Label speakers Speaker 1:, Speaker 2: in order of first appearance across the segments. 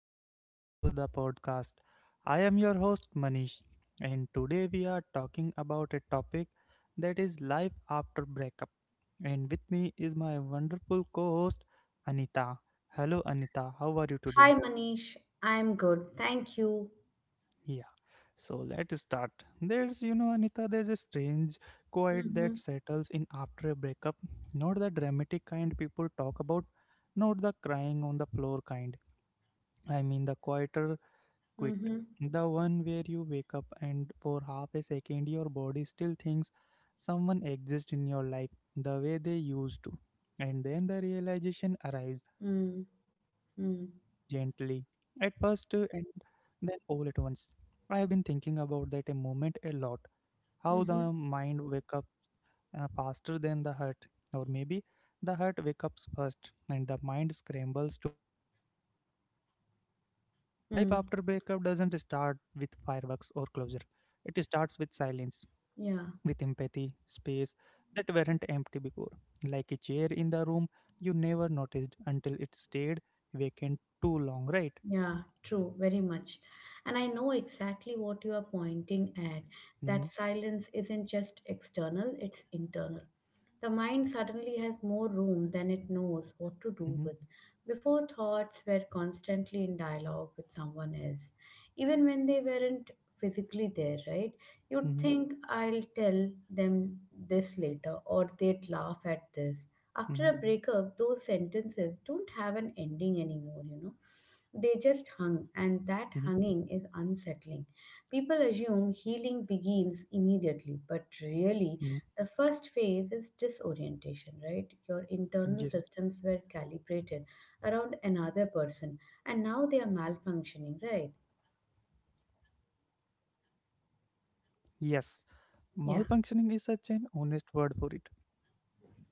Speaker 1: and welcome to the podcast. I am your host, Manish, and today we are talking about a topic that is life after breakup. And with me is my wonderful co host, Anita. Hello, Anita, how are you
Speaker 2: Hi
Speaker 1: today?
Speaker 2: Manish, I'm good. Thank you.
Speaker 1: Yeah, so let's start. Anita, there's a strange quiet
Speaker 2: Mm-hmm.
Speaker 1: that settles in after a breakup, not the dramatic kind people talk about, not the crying on the floor kind. I mean the quieter quit.
Speaker 2: Mm-hmm.
Speaker 1: The one where you wake up and for half a second your body still thinks someone exists in your life the way they used to. And then the realization arrives
Speaker 2: Mm-hmm.
Speaker 1: gently,
Speaker 2: Mm-hmm.
Speaker 1: at first and then all at once. I have been thinking about that a moment a lot. How the mind wake up faster than the heart, or maybe the heart wakes up first and the mind scrambles to catch up. Life after breakup
Speaker 2: Mm.
Speaker 1: doesn't start with fireworks or closure. It starts with silence, with
Speaker 2: Yeah,
Speaker 1: empathy, space that weren't empty before. Like a chair in the room you never noticed until it stayed vacant too long, right?
Speaker 2: yeah, true, very much. And I know exactly what you are pointing at. That
Speaker 1: Hmm.
Speaker 2: silence isn't just external, it's internal. The mind suddenly has more room than it knows what to do
Speaker 1: Hmm.
Speaker 2: with. Before, thoughts were constantly in dialogue with someone else, even when they weren't physically there, right? You'd
Speaker 1: Hmm.
Speaker 2: think, I'll tell them this later, or they'd laugh at this. After a
Speaker 1: Hmm.
Speaker 2: breakup, those sentences don't have an ending anymore, you know. They just hung,
Speaker 1: Hmm.
Speaker 2: and that hanging is unsettling. People assume healing begins immediately, but really,
Speaker 1: Hmm.
Speaker 2: the first phase is disorientation, right? Your internal
Speaker 1: Yes.
Speaker 2: systems were calibrated around another person, and now they are malfunctioning, right?
Speaker 1: Yes. Malfunctioning
Speaker 2: Yeah,
Speaker 1: is such an honest word for it.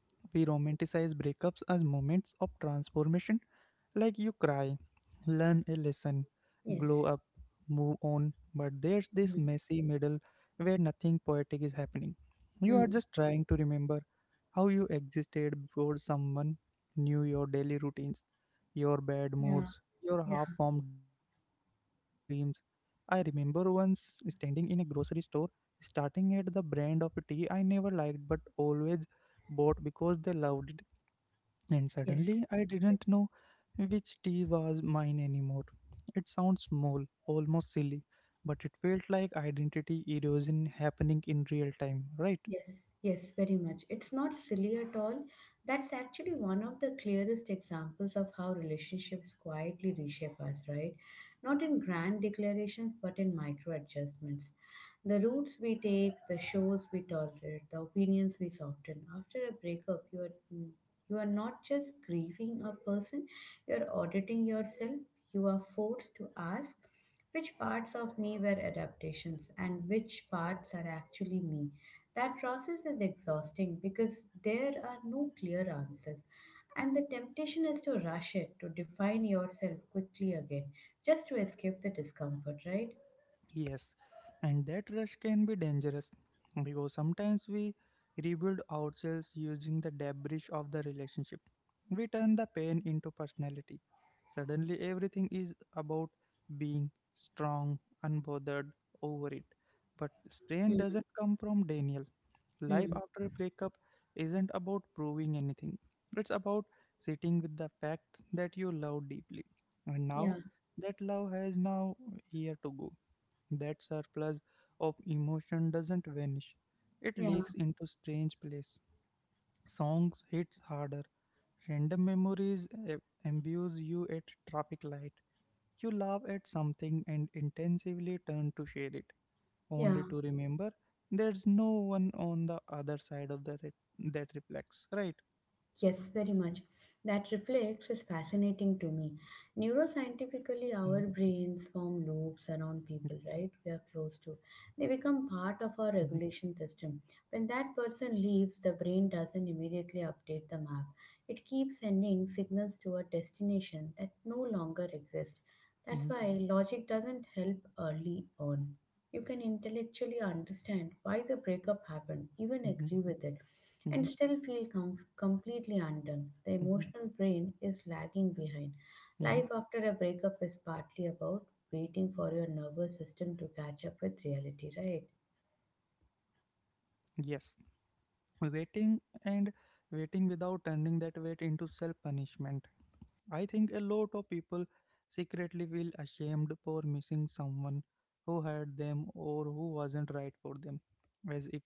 Speaker 1: We romanticize breakups as moments of transformation. Like you cry, learn a lesson, glow
Speaker 2: yes.
Speaker 1: up, move on, but there's this
Speaker 2: Hmm.
Speaker 1: messy middle where nothing poetic is happening. You are
Speaker 2: Mm.
Speaker 1: just trying to remember how you existed before someone knew your daily routines, your bad
Speaker 2: Yeah,
Speaker 1: moods, your
Speaker 2: yeah,
Speaker 1: half formed dreams. I remember once standing in a grocery store, starting at the brand of tea I never liked but always bought because they loved it, and
Speaker 2: yes.
Speaker 1: suddenly I didn't know which tea was mine anymore. It sounds small, almost silly, but it felt like identity erosion happening in real time, right?
Speaker 2: Yes, yes, very much. It's not silly at all. That's actually one of the clearest examples of how relationships quietly reshape us, right? Not in grand declarations, but in micro adjustments. The routes we take, the shows we tolerate, the opinions we soften. After a breakup, you are not just grieving a person, you are auditing yourself. You are forced to ask which parts of me were adaptations and which parts are actually me. That process is exhausting because there are no clear answers, and the temptation is to rush it, to define yourself quickly again, just to escape the discomfort, right?
Speaker 1: Yes. And that rush can be dangerous because sometimes we rebuild ourselves using the debris of the relationship. We turn the pain into personality. Suddenly everything is about being strong, unbothered, over it. But strain
Speaker 2: Mm.
Speaker 1: doesn't come from Daniel. Life
Speaker 2: Mm.
Speaker 1: after a breakup isn't about proving anything, it's about sitting with the fact that you love deeply. And
Speaker 2: Yeah,
Speaker 1: now that love has now here to go. That surplus of emotion doesn't vanish, it
Speaker 2: yeah,
Speaker 1: leaks into strange place. Songs hits harder. Random memories imbue you at traffic light. You laugh at something and intensively turn to share it
Speaker 2: yeah.
Speaker 1: only to remember there's no one on the other side of that reflects, right?
Speaker 2: Yes, very much. That reflex is fascinating to me.
Speaker 1: Mhm.
Speaker 2: Neuroscientifically, our brains form
Speaker 1: Yeah.
Speaker 2: loops around people, right? We are close to. They become part
Speaker 1: Mhm.
Speaker 2: of our regulation system. When that person leaves, the brain doesn't immediately update the map. It keeps sending signals to a destination that no longer exists.
Speaker 1: Mhm.
Speaker 2: That's why logic doesn't help early on. You can intellectually understand why the breakup happened, even
Speaker 1: Mhm.
Speaker 2: agree with it, and
Speaker 1: Mhm.
Speaker 2: still feel completely undone. The
Speaker 1: Mhm.
Speaker 2: emotional brain is lagging behind.
Speaker 1: Mhm.
Speaker 2: Life after a breakup is partly about waiting for your nervous system to catch up with reality, right?
Speaker 1: Yes. Waiting and waiting without turning that wait into self punishment. I think a lot of people secretly feel ashamed for missing someone who hurt them or who wasn't right for them, as if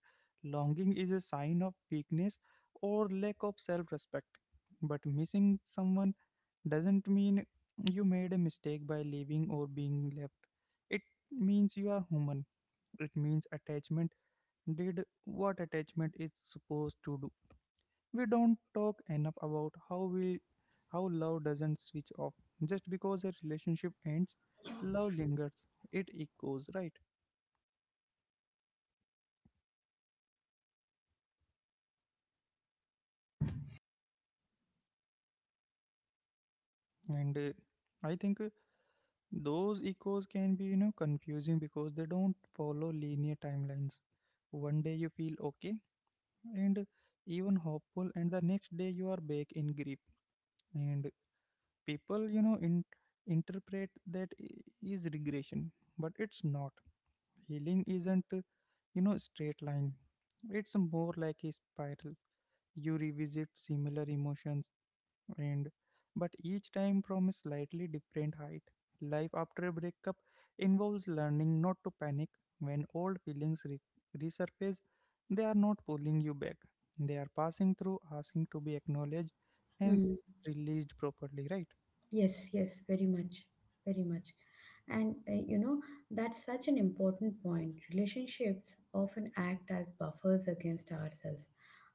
Speaker 1: longing is a sign of weakness or lack of self respect. But missing someone doesn't mean you made a mistake by leaving or being left. It means you are human. It means attachment did what attachment is supposed to do. We don't talk enough about how we how love doesn't switch off. Just because a relationship ends, love lingers. It echoes, right? And I think those echoes can be, confusing because they don't follow linear timelines. One day you feel okay, and even hopeful, and the next day you are back in grief, and people interpret that is regression, but it's not. Healing isn't straight line, it's more like a spiral. You revisit similar emotions, and but each time from a slightly different height. Life after a breakup involves learning not to panic when old feelings resurface. They are not pulling you back. They are passing through, asking to be acknowledged and
Speaker 2: Hmm.
Speaker 1: released properly, right?
Speaker 2: Yes, yes, very much, very much. And you know, that's such an important point. Relationships often act as buffers against ourselves.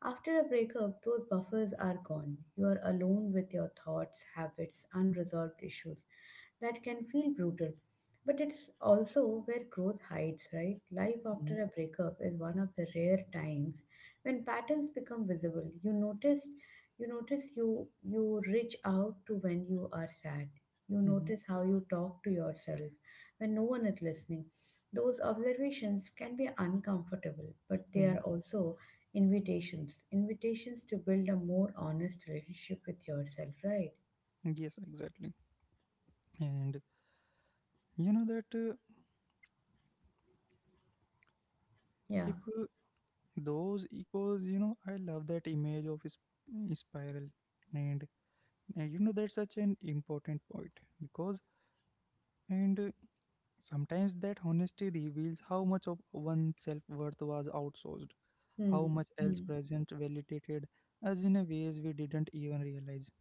Speaker 2: After a breakup, those buffers are gone. You are alone with your thoughts, habits, unresolved issues. That can feel brutal. But it's also where growth hides, right? Life
Speaker 1: Mm-hmm.
Speaker 2: after a breakup is one of the rare times when patterns become visible. You notice you reach out to when you are sad. You
Speaker 1: Mm-hmm.
Speaker 2: notice how you talk to yourself when no one is listening. Those observations can be uncomfortable, but they
Speaker 1: Mm-hmm.
Speaker 2: are also invitations to build a more honest relationship with yourself, right?
Speaker 1: Yes, exactly. And you know that
Speaker 2: Yeah.
Speaker 1: if those echoes, I love that image of is spiral, and that's such an important point, because and sometimes that honesty reveals how much of one's self worth was outsourced, how
Speaker 2: Hmm.
Speaker 1: much else
Speaker 2: Hmm.
Speaker 1: present validated us in a ways we didn't even realize.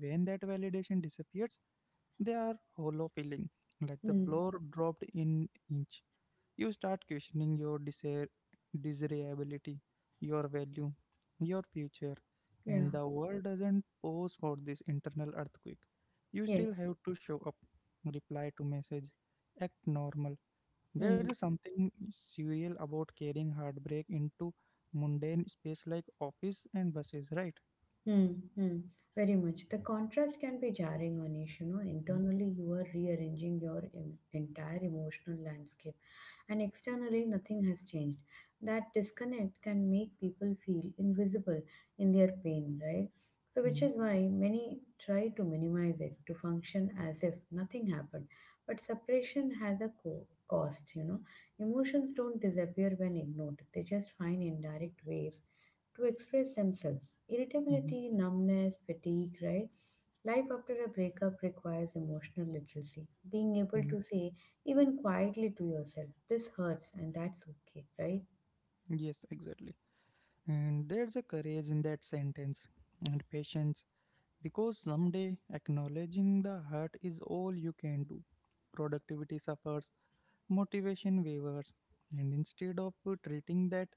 Speaker 1: When that validation disappears, they are hollow feeling, like the
Speaker 2: Hmm.
Speaker 1: floor dropped in inch. You start questioning your desire, desirability, your value, your future,
Speaker 2: Yeah.
Speaker 1: and the world doesn't pause for this internal earthquake. You still
Speaker 2: Yes.
Speaker 1: have to show up, reply to message, act normal.
Speaker 2: Hmm.
Speaker 1: There's something surreal about carrying heartbreak into mundane space like office and buses, right?
Speaker 2: Hmm. Hmm. Very much. The contrast can be jarring, Anish. You know,
Speaker 1: Hmm.
Speaker 2: internally you are rearranging your entire emotional landscape, and externally nothing has changed. That disconnect can make people feel invisible in their pain, right? So, which
Speaker 1: Mm.
Speaker 2: is why many try to minimize it to function as if nothing happened. But separation has a cost, you know. Emotions don't disappear when ignored, they just find indirect ways to express themselves.
Speaker 1: Mhm.
Speaker 2: Irritability, numbness, fatigue, right? Life after a breakup requires emotional literacy, being able
Speaker 1: Mhm.
Speaker 2: to say, even quietly to yourself, this hurts and that's okay, right?
Speaker 1: Yes, exactly. And there's a courage in that sentence and patience because someday acknowledging the hurt is all you can do. Productivity suffers, motivation wavers, and instead of treating that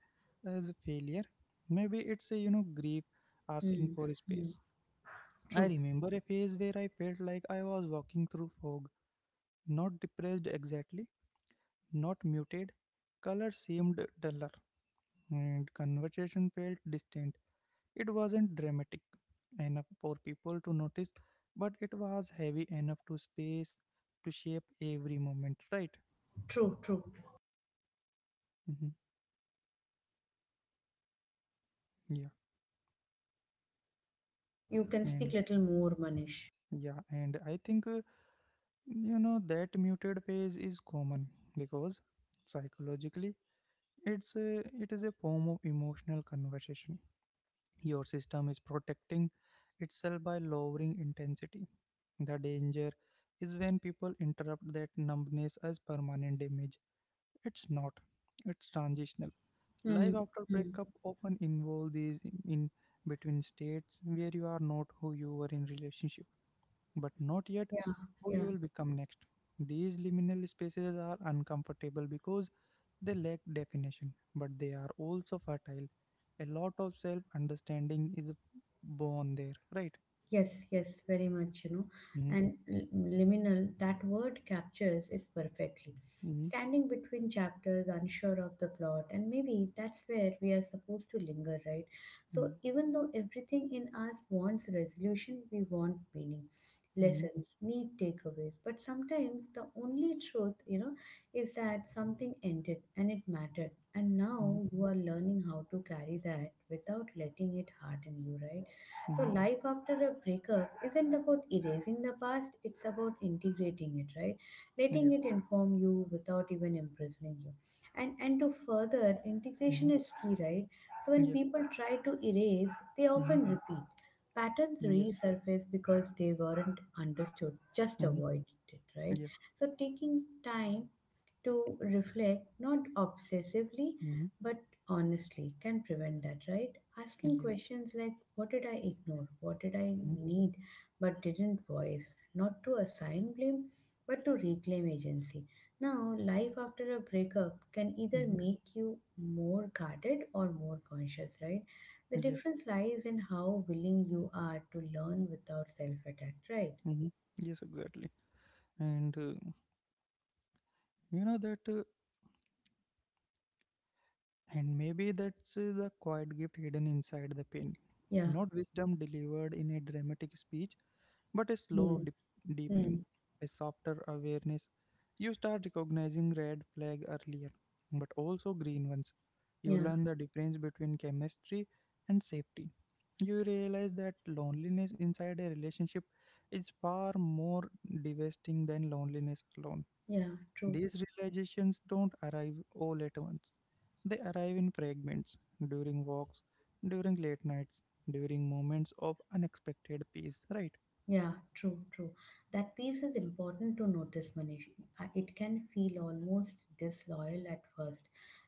Speaker 1: as a failure, maybe it's a grief asking
Speaker 2: Hmm.
Speaker 1: for
Speaker 2: Hmm.
Speaker 1: space. I
Speaker 2: True,
Speaker 1: remember a phase where I felt like I was walking through fog, not depressed exactly, not muted, color seemed duller, and conversation felt distant. It wasn't dramatic enough for people to notice, but it was heavy enough to shape every moment, right?
Speaker 2: true, true.
Speaker 1: Hmm. Yeah,
Speaker 2: You can speak
Speaker 1: and
Speaker 2: little more, Manish.
Speaker 1: yeah, and I think that muted phase is common because psychologically it is a form of emotional conversation. Your system is protecting itself by lowering intensity. The danger is when people interrupt that numbness as permanent damage. It's not. It's transitional.
Speaker 2: Hmm.
Speaker 1: Life after
Speaker 2: Hmm.
Speaker 1: breakup often involves these in between states where you are not who you were in relationship, but not yet
Speaker 2: Yeah,
Speaker 1: who you
Speaker 2: yeah.
Speaker 1: will become next. These liminal spaces are uncomfortable because they lack definition, but they are also fertile. A lot of self understanding is born there, right?
Speaker 2: Yes, yes, very much, you know.
Speaker 1: Mm-hmm.
Speaker 2: And liminal, that word captures it perfectly.
Speaker 1: Mm-hmm.
Speaker 2: Standing between chapters, unsure of the plot, and maybe that's where we are supposed to linger, right? So, even though everything in us wants resolution, we want meaning,
Speaker 1: Mm-hmm.
Speaker 2: lessons, need takeaways. But sometimes the only truth, you know, is that something ended and it mattered. And
Speaker 1: Mm-hmm.
Speaker 2: now you are learning how to carry that without letting it harden you, right? So,
Speaker 1: Mm-hmm.
Speaker 2: life after a breakup isn't about erasing the past, it's about integrating it, right? Letting
Speaker 1: Yeah.
Speaker 2: it inform you without even imprisoning you. And to further, integration
Speaker 1: Mm-hmm.
Speaker 2: is key, right? So, when
Speaker 1: Yeah.
Speaker 2: people try to erase, they
Speaker 1: Mm-hmm.
Speaker 2: often repeat. Patterns
Speaker 1: Yes.
Speaker 2: resurface because they weren't understood, just
Speaker 1: Mm-hmm.
Speaker 2: avoided it, right?
Speaker 1: Yeah.
Speaker 2: So, taking time to reflect, not obsessively,
Speaker 1: Mm-hmm.
Speaker 2: but honestly, can prevent that, right? Asking
Speaker 1: Yeah.
Speaker 2: questions like, what did I ignore? What did I
Speaker 1: Mm-hmm.
Speaker 2: need but didn't voice? Not to assign blame, but to reclaim agency. Now, life after a breakup can either
Speaker 1: Mhm.
Speaker 2: make you more guarded or more conscious, right? The
Speaker 1: Yes.
Speaker 2: difference lies in how willing you are to learn without self attack, right?
Speaker 1: Mhm. Yes, exactly. And uh, you know that uh, And maybe that's the quiet gift hidden inside the pain.
Speaker 2: Yeah.
Speaker 1: Not wisdom delivered in a dramatic speech, but a slow
Speaker 2: Hmm.
Speaker 1: deepening,
Speaker 2: Hmm.
Speaker 1: a softer awareness. You start recognizing red flag earlier, but also green ones. You
Speaker 2: Yeah.
Speaker 1: learn the difference between chemistry and safety. You realize that loneliness inside a relationship is far more devastating than loneliness alone.
Speaker 2: Yeah. True.
Speaker 1: These realizations don't arrive all at once. They arrive in fragments, during walks, during late nights, during moments of unexpected peace, right?
Speaker 2: Yeah, true, true. That piece is important to notice, Manish. It can feel almost disloyal at first,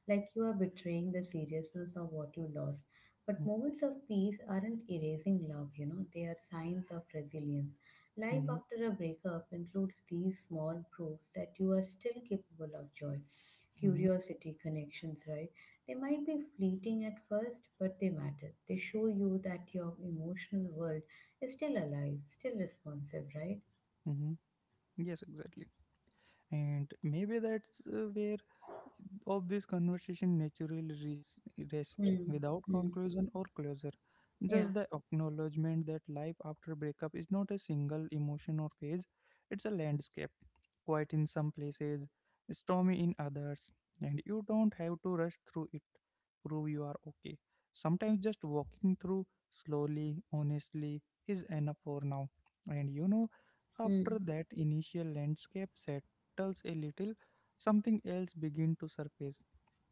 Speaker 2: like you are betraying the seriousness of what you lost. But
Speaker 1: Mm-hmm.
Speaker 2: moments of peace aren't erasing love, you know, they are signs of resilience. Life
Speaker 1: Mm-hmm.
Speaker 2: after a breakup includes these small proofs that you are still capable of joy,
Speaker 1: Mm-hmm.
Speaker 2: curiosity, connections, right? They might be fleeting at first, but they matter. They show you that your emotional world is still alive, still responsive, right?
Speaker 1: Mm-hmm. Yes, exactly. And maybe that's where of this conversation naturally rests
Speaker 2: Mm,
Speaker 1: without
Speaker 2: mm,
Speaker 1: conclusion or closure.
Speaker 2: yeah.
Speaker 1: Just the acknowledgement that life after breakup is not a single emotion or phase, it's a landscape. Quiet in some places, stormy in others, and you don't have to rush through it, prove you are okay. Sometimes just walking through slowly, honestly, is enough for now. And after
Speaker 2: Mm,
Speaker 1: that initial landscape settles a little, something else begin to surface.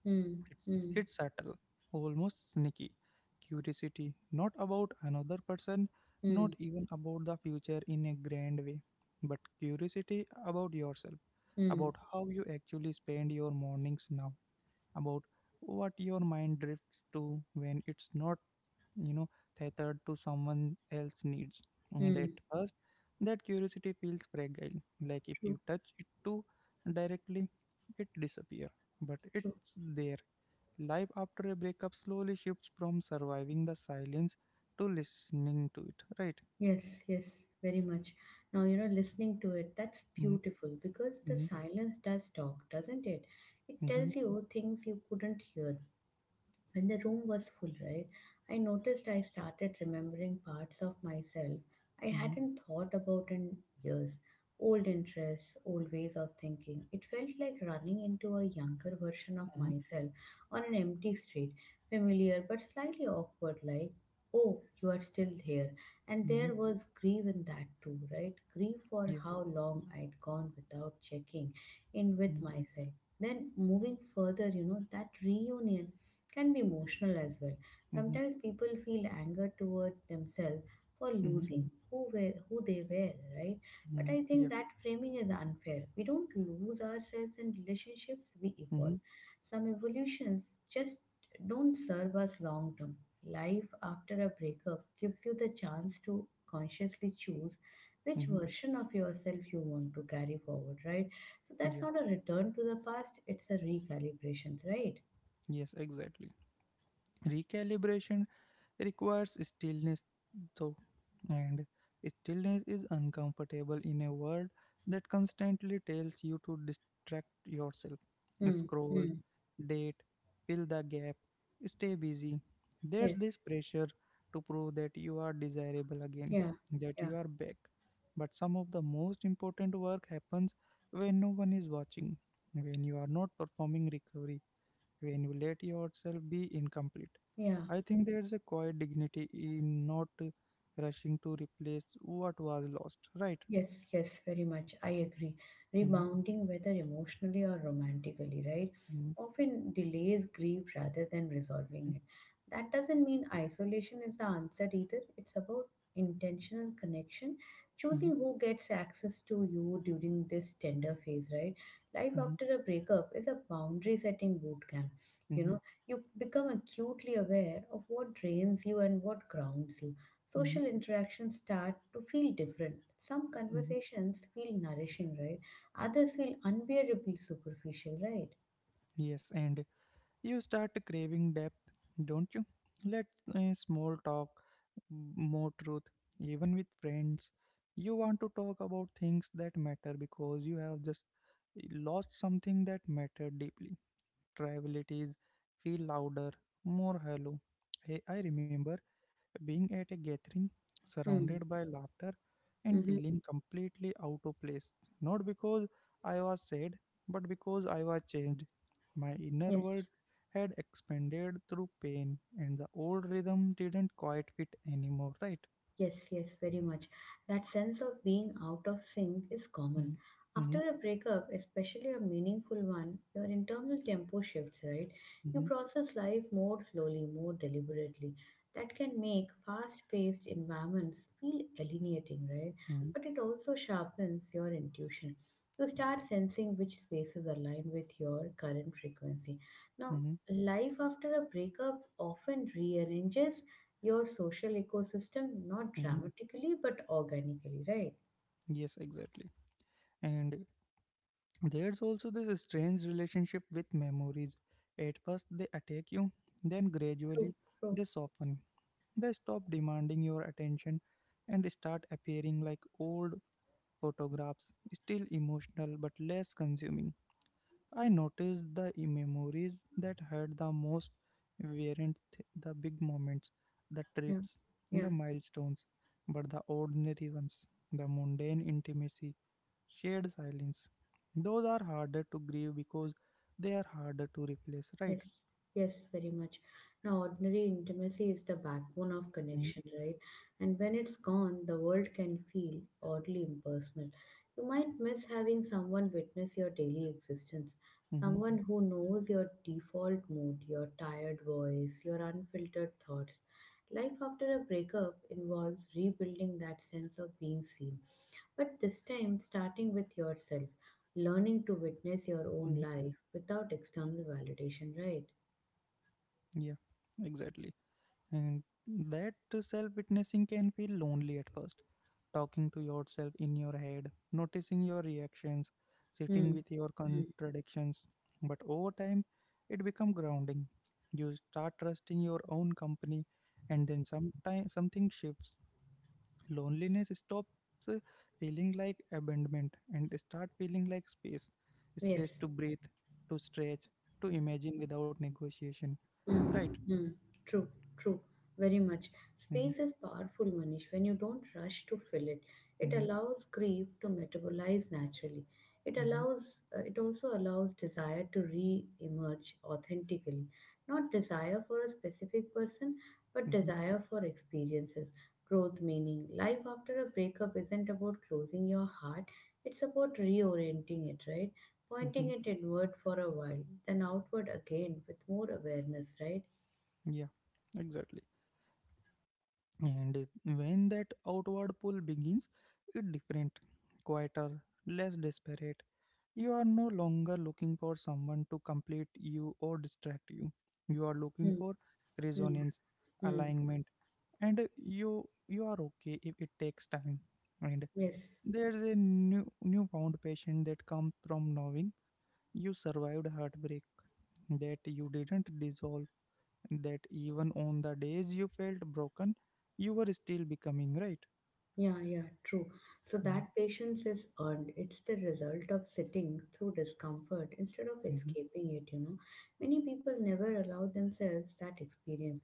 Speaker 2: mm,
Speaker 1: It's
Speaker 2: mm,
Speaker 1: it's subtle, almost sneaky. Curiosity, not about another person,
Speaker 2: mm,
Speaker 1: not even about the future in a grand way, but curiosity about yourself,
Speaker 2: mm,
Speaker 1: about how you actually spend your mornings now, about what your mind drifts to when it's not you know tethered to someone else's needs. And at
Speaker 2: mm.
Speaker 1: first, that curiosity feels fragile, like if
Speaker 2: True,
Speaker 1: you touch it too directly it disappears, but
Speaker 2: true.
Speaker 1: it's there. Life after a breakup slowly shifts from surviving the silence to listening to it, right?
Speaker 2: Yes, yes, very much. Now, you know, listening to it, that's
Speaker 1: Mm-hmm.
Speaker 2: beautiful because the
Speaker 1: Mm-hmm.
Speaker 2: silence does talk, doesn't it? It tells you things you couldn't hear when the room was full, right? I noticed I started remembering parts of myself I
Speaker 1: Mm-hmm.
Speaker 2: hadn't thought about in years. Old interests, old ways of thinking. It felt like running into a younger version of
Speaker 1: Mm-hmm. Mm-hmm.
Speaker 2: myself on an empty street, familiar but slightly awkward, like, oh, you are still here. And
Speaker 1: Mm-hmm.
Speaker 2: there was grief in that too, right? Grief for
Speaker 1: Yeah.
Speaker 2: how long I'd gone without checking in with
Speaker 1: Mm-hmm.
Speaker 2: myself. Then moving further, you know, that reunion can be emotional as well.
Speaker 1: Mm-hmm.
Speaker 2: Sometimes people feel anger towards themselves for
Speaker 1: Mm-hmm.
Speaker 2: losing who were, who they were, right? But
Speaker 1: Mm-hmm.
Speaker 2: I think
Speaker 1: Yeah.
Speaker 2: that framing is unfair. We don't lose ourselves in relationships, we
Speaker 1: Mm-hmm.
Speaker 2: evolve. Some evolutions just don't serve us long term. Life after a breakup gives you the chance to consciously choose which
Speaker 1: Mm-hmm.
Speaker 2: version of yourself you want to carry forward, right? So that's
Speaker 1: Yeah.
Speaker 2: not a return to the past, it's a recalibration, right?
Speaker 1: Yes, exactly. Recalibration requires stillness, though, and stillness is uncomfortable in a world that constantly tells you to distract yourself, scroll,
Speaker 2: Hmm.
Speaker 1: date, fill the gap, stay busy. There's
Speaker 2: Yes,
Speaker 1: this pressure to prove that you are desirable again,
Speaker 2: yeah,
Speaker 1: that
Speaker 2: yeah,
Speaker 1: you are back, but some of the most important work happens when no one is watching, when you are not performing recovery, when you let yourself be incomplete.
Speaker 2: yeah.
Speaker 1: I think there's a quiet dignity in not rushing to replace what was lost, right?
Speaker 2: Yes, yes, very much. I agree.
Speaker 1: Mhm.
Speaker 2: Rebounding, whether emotionally or romantically, right,
Speaker 1: Mhm.
Speaker 2: often delays grief rather than
Speaker 1: Mhm.
Speaker 2: resolving it. That doesn't mean isolation is the answer either. It's about intentional connection, choosing who gets access to you during this tender phase, right? Life
Speaker 1: Mhm.
Speaker 2: after a breakup is a boundary setting boot camp.
Speaker 1: Mhm.
Speaker 2: You
Speaker 1: Mhm.
Speaker 2: know, you become acutely aware of what drains you and what grounds you.
Speaker 1: Mhm.
Speaker 2: Social interactions start to feel different. Some
Speaker 1: Mhm.
Speaker 2: conversations feel nourishing, right? Others feel unbearably superficial, right?
Speaker 1: Yes, and you start craving depth, don't you? Let small talk, more truth, even with friends. You want to talk about things that matter because you have just lost something that mattered deeply. Trivialities feel louder, more hollow. Hey, I remember being at a gathering,
Speaker 2: Hmm.
Speaker 1: surrounded by laughter, and
Speaker 2: Mm-hmm.
Speaker 1: feeling completely out of place, not because I was sad, but because I was changed. My inner
Speaker 2: Yes.
Speaker 1: world had expanded through pain, and the old rhythm didn't quite fit anymore, right?
Speaker 2: Yes, yes, very much. That sense of being out of sync is common.
Speaker 1: Mm-hmm.
Speaker 2: After a breakup, especially a meaningful one, your internal tempo shifts, right? You
Speaker 1: Mm-hmm.
Speaker 2: process life more slowly, more deliberately. That can make fast paced environments feel alienating, right?
Speaker 1: Mm-hmm.
Speaker 2: But it also sharpens your intuition. You start sensing which spaces align with your current frequency. Now,
Speaker 1: Mm-hmm.
Speaker 2: life after a breakup often rearranges your social ecosystem, not
Speaker 1: Mm-hmm.
Speaker 2: dramatically, but organically, right?
Speaker 1: Yes, exactly. And there's also this strange relationship with memories. At first, they attack you, then
Speaker 2: True,
Speaker 1: gradually,
Speaker 2: true.
Speaker 1: they soften. They stop demanding your attention and start appearing like old photographs, still emotional but less consuming. I noticed the memories that hurt the most weren't the big moments, the
Speaker 2: Yeah,
Speaker 1: trips,
Speaker 2: yeah.
Speaker 1: the milestones, but the ordinary ones, the mundane intimacy, shared silence. Those are harder to grieve because they are harder to replace, right?
Speaker 2: Yes, yes, very much. Now, ordinary intimacy is the backbone of
Speaker 1: Mm-hmm.
Speaker 2: connection, right? And when it's gone, the world can feel oddly impersonal. You might miss having someone witness your daily existence,
Speaker 1: Mm-hmm.
Speaker 2: someone who knows your default mood, your tired voice, your unfiltered thoughts. Life after a breakup involves rebuilding that sense of being seen, but this time starting with yourself, learning to
Speaker 1: Mm-hmm.
Speaker 2: witness your own life without external validation, right?
Speaker 1: Yeah, exactly. And that self witnessing can feel lonely at first. Talking to yourself in your head, noticing your reactions, sitting
Speaker 2: Hmm.
Speaker 1: with your
Speaker 2: Hmm.
Speaker 1: contradictions. But over time, it becomes grounding. You start trusting your own company, and then sometime something shifts. Loneliness stops uh, feeling like abandonment and start feeling like space. Space
Speaker 2: Yes.
Speaker 1: to breathe, to stretch, to imagine without negotiation. Right.
Speaker 2: Mm, mm, true, true, very much.
Speaker 1: Mm-hmm,
Speaker 2: Space is powerful, Manish. When you don't rush to fill it, it
Speaker 1: mm-hmm,
Speaker 2: allows grief to metabolize naturally. It
Speaker 1: mm-hmm,
Speaker 2: allows, uh, it also allows desire to re-emerge authentically. Not desire for a specific person, but
Speaker 1: mm-hmm,
Speaker 2: desire for experiences, growth, meaning. Life after a breakup isn't about closing your heart; it's about reorienting it, right?
Speaker 1: mm-hmm.
Speaker 2: Pointing it inward for a while, then outward again with more awareness, right?
Speaker 1: Yeah, exactly. And when that outward pull begins, it's different, quieter, less desperate. You are no longer looking for someone to complete you or distract you. You are looking
Speaker 2: Hmm.
Speaker 1: for
Speaker 2: Hmm.
Speaker 1: resonance,
Speaker 2: Hmm.
Speaker 1: alignment, and you are okay if it takes time, and
Speaker 2: Yes.
Speaker 1: there's a newfound patient that comes from knowing you survived heartbreak, that you didn't dissolve, that even on the days you felt broken you were still becoming, right?
Speaker 2: Yeah, yeah, true. So that patience is earned. It's the result of sitting through discomfort instead of
Speaker 1: Mm-hmm.
Speaker 2: escaping it, you know. Many people never allow themselves that experience.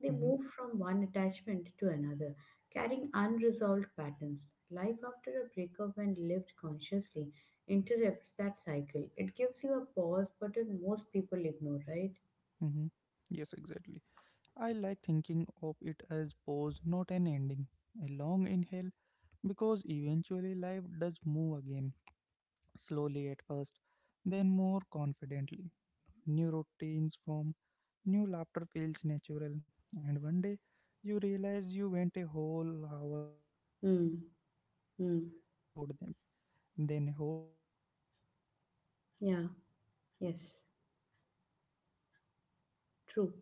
Speaker 2: They
Speaker 1: Hmm.
Speaker 2: move from one attachment to another, carrying unresolved patterns. Life after a breakup, when lived consciously, interrupts that cycle. It gives you a pause button most people ignore, right?
Speaker 1: Hmm. Yes, exactly. I like thinking of it as pause, not an ending, a long inhale, because eventually life does move again, slowly at first, then more confidently. New routines form, new laughter feels natural, and one day you realize you went a whole hour without thinking
Speaker 2: Mm,
Speaker 1: about them,
Speaker 2: mm,
Speaker 1: then a whole day, not because you forced forgetting, but because
Speaker 2: yeah,
Speaker 1: your life
Speaker 2: yes,
Speaker 1: expanded enough to hold more than the absence, right?
Speaker 2: true.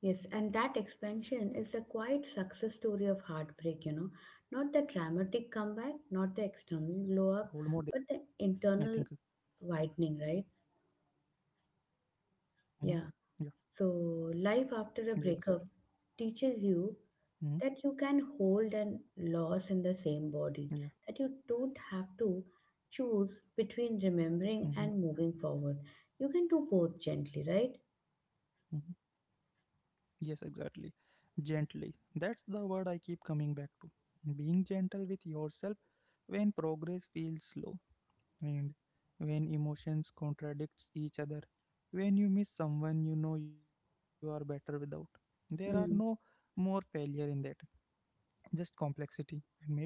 Speaker 2: Yes, and that expansion is a quiet success story of
Speaker 1: And
Speaker 2: heartbreak,
Speaker 1: uh,
Speaker 2: you know. Not
Speaker 1: I
Speaker 2: the
Speaker 1: think,
Speaker 2: dramatic comeback, not the external glow up, but the internal widening, right?
Speaker 1: mm-hmm, yeah,
Speaker 2: Yeah.
Speaker 1: yeah,
Speaker 2: So,
Speaker 1: exactly,
Speaker 2: life after a breakup teaches
Speaker 1: mm-hmm,
Speaker 2: you that you can hold and loss in
Speaker 1: yeah,
Speaker 2: the same body, that you don't have to choose
Speaker 1: mm-hmm,
Speaker 2: between remembering and moving forward. You can do both gently, right?
Speaker 1: mm-hmm, yes, exactly. Gently, that's the word I keep coming back to. Being gentle with yourself when progress feels slow, and when emotions contradicts each other, when you miss someone you know you are better without. There are no
Speaker 2: Hmm.
Speaker 1: more failure in that, just complexity, and maybe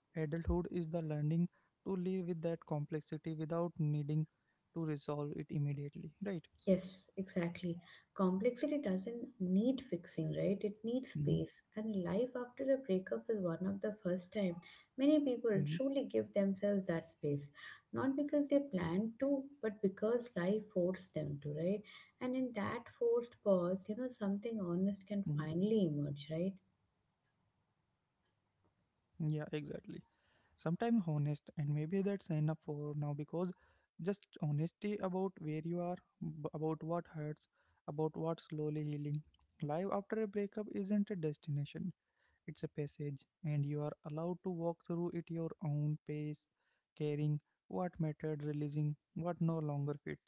Speaker 1: adulthood is the learning to live with that complexity without needing to resolve it immediately, right?
Speaker 2: Yes, exactly. Complexity doesn't need fixing, right? It needs
Speaker 1: Mm-hmm,
Speaker 2: space. And life after a breakup is one of the first time many people truly
Speaker 1: mm-hmm,
Speaker 2: give themselves that space. Not because they planned to,
Speaker 1: mm-hmm,
Speaker 2: but because life forced them to, right? And in that forced pause, something
Speaker 1: mm-hmm.
Speaker 2: honest can finally emerge, right?
Speaker 1: Yeah, exactly. Sometimes honest, and maybe that's enough for now, because just honesty about where you are, about what hurts, about what's slowly healing. Life after a breakup isn't a destination, it's a passage, and you are allowed to walk through it your own pace, caring what mattered, releasing what no longer fits,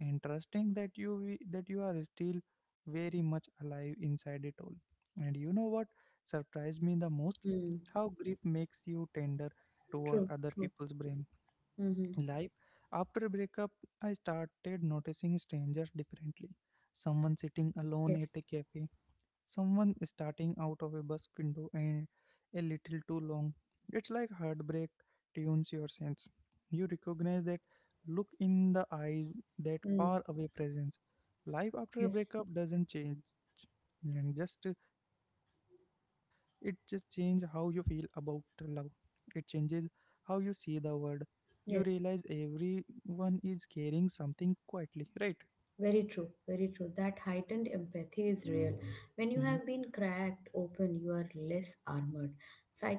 Speaker 1: and trusting that you are still very much alive inside it all. And you know what surprised me the most?
Speaker 2: Mm.
Speaker 1: How grief makes you tender toward
Speaker 2: True,
Speaker 1: other
Speaker 2: true.
Speaker 1: people's brain
Speaker 2: Mm-hmm.
Speaker 1: life. After breakup, I started noticing strangers differently. Someone sitting alone at
Speaker 2: Yes.
Speaker 1: a cafe. Someone starting out of a bus window and a little too long. It's like heartbreak tunes your sense. You recognize that look in the eyes, that
Speaker 2: Mm.
Speaker 1: far away presence. Life after a
Speaker 2: Yes.
Speaker 1: breakup doesn't change, and just it just changes how you feel about love. It changes how you see the world. You realize
Speaker 2: Yes.
Speaker 1: everyone is carrying something quietly, right?
Speaker 2: Very true, very true. That heightened empathy is real. When you
Speaker 1: Mm-hmm,
Speaker 2: have been cracked open, you are less armored.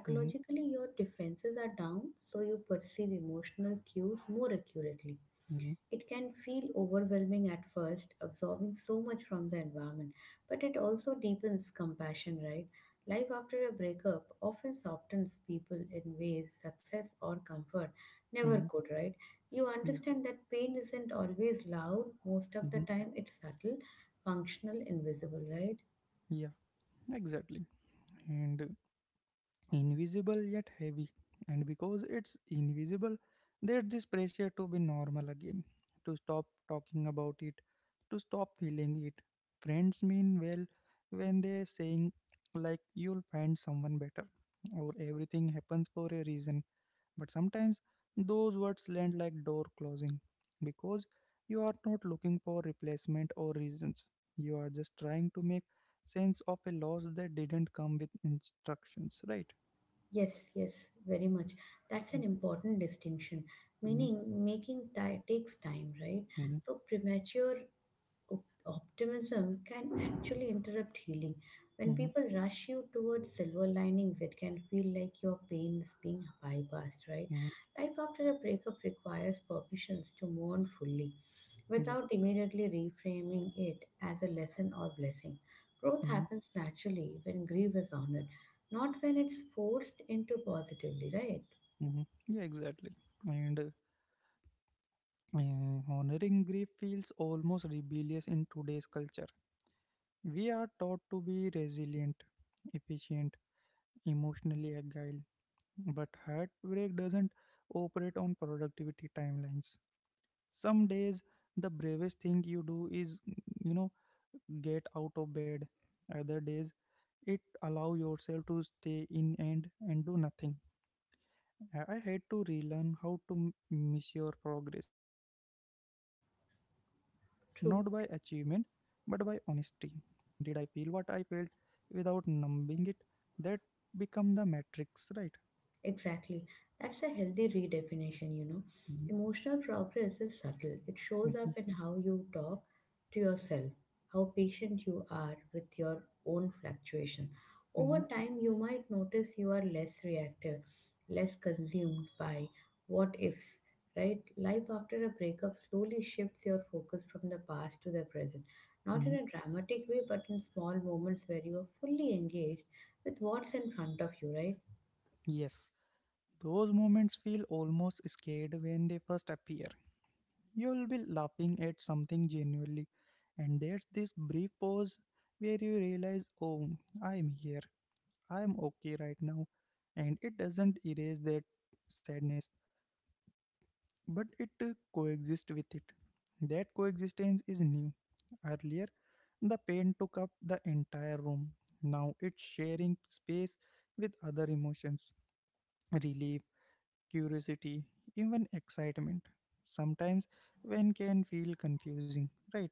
Speaker 1: mm-hmm,
Speaker 2: your defenses are down, so you perceive emotional cues more accurately.
Speaker 1: mm-hmm,
Speaker 2: It can feel overwhelming at first, absorbing so much from the environment, but it also deepens compassion, right? Life after a breakup often softens people in ways success or comfort never
Speaker 1: mm-hmm,
Speaker 2: could, right? You
Speaker 1: yeah,
Speaker 2: understand that pain isn't always loud, most of the
Speaker 1: mm-hmm,
Speaker 2: time it's subtle, functional, invisible, right?
Speaker 1: yeah. Exactly. And invisible yet heavy. And because it's invisible, there's this pressure to be normal again, to stop talking about it, to stop feeling it. Friends mean well when they're saying, like, you'll find someone better, or everything happens for a reason. But sometimes those words land like door closing, because you are not looking for replacement or reasons. You are just trying to make sense of a loss that didn't come with instructions, right?
Speaker 2: Yes, yes, very much. That's an important distinction.
Speaker 1: Mm-hmm,
Speaker 2: Meaning, takes time, right?
Speaker 1: mm-hmm,
Speaker 2: So, optimism can actually interrupt healing. When
Speaker 1: mm-hmm.
Speaker 2: people rush you towards silver linings, it can feel like your pain is being bypassed, right?
Speaker 1: Hmm.
Speaker 2: Life after a breakup requires permissions to mourn fully
Speaker 1: Yeah.
Speaker 2: without immediately reframing it as a lesson or blessing. Growth
Speaker 1: Mm-hmm,
Speaker 2: happens naturally when grief is honored, not when it's forced into positively, right?
Speaker 1: mm-hmm. Yeah, exactly. And honoring grief feels almost rebellious in today's culture. We are taught to be resilient, efficient, emotionally agile. But heartbreak doesn't operate on productivity timelines. Some days, the bravest thing you do is, you know, get out of bed. Other days, it allow yourself to stay in and do nothing. I had to relearn how to measure progress, and not by achievement,
Speaker 2: True.
Speaker 1: but by honesty. Did I feel what I felt without numbing it? That become the matrix, right?
Speaker 2: Exactly. That's a healthy redefinition.
Speaker 1: Mhm,
Speaker 2: Emotional progress is subtle. It shows
Speaker 1: mhm,
Speaker 2: up in how you talk to yourself, how patient you are with your own fluctuation. Over
Speaker 1: mhm,
Speaker 2: time, you might notice you are less reactive, less consumed by what ifs, right? Life after a breakup slowly shifts your focus from the past to the present, not in
Speaker 1: mhm.
Speaker 2: a dramatic way, but in small moments where you are fully engaged with what's in front of you, right?
Speaker 1: Yes. Those moments feel almost scared when they first appear. You'll be laughing at something genuinely, and there's this brief pause where you realize, oh, I'm here, I'm okay right now. And it doesn't erase that sadness, but it coexists with it. That coexistence is new. Earlier, the pain took up the entire room. Now it's sharing space with other emotions, relief, curiosity, even excitement. Sometimes one can feel confusing, right?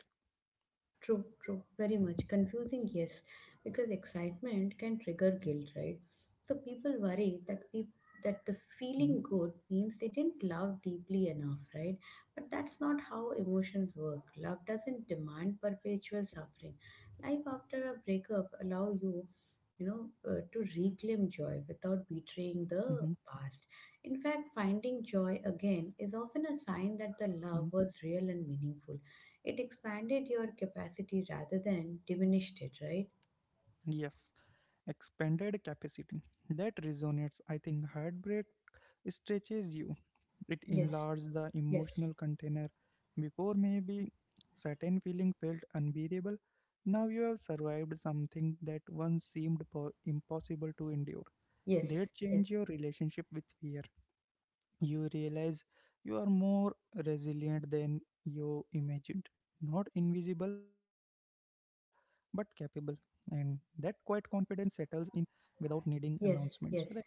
Speaker 2: True, true, very much. Confusing, yes, because excitement can trigger guilt, right? So people worry that people
Speaker 1: Mhm,
Speaker 2: that the feeling good means they didn't love deeply enough, right? But that's not how emotions work. Love doesn't demand perpetual suffering. Life after a breakup allow you to reclaim joy
Speaker 1: mhm,
Speaker 2: without betraying the past. In fact, finding joy again is often a sign
Speaker 1: mhm.
Speaker 2: that the love was real and meaningful. It expanded your capacity rather than diminished it, right?
Speaker 1: Yes, expanded capacity. That resonates. I think heartbreak stretches you. It
Speaker 2: Yes,
Speaker 1: enlarges the
Speaker 2: yes,
Speaker 1: emotional container. Before maybe certain feeling felt unbearable. Now you have survived something that once seemed impossible to endure.
Speaker 2: yes,
Speaker 1: That
Speaker 2: yes,
Speaker 1: change your relationship with fear. You realize you are more resilient than you imagined. Not invisible, but capable. And that quiet confidence settles in without needing announcements,
Speaker 2: Yes,
Speaker 1: right?
Speaker 2: yes,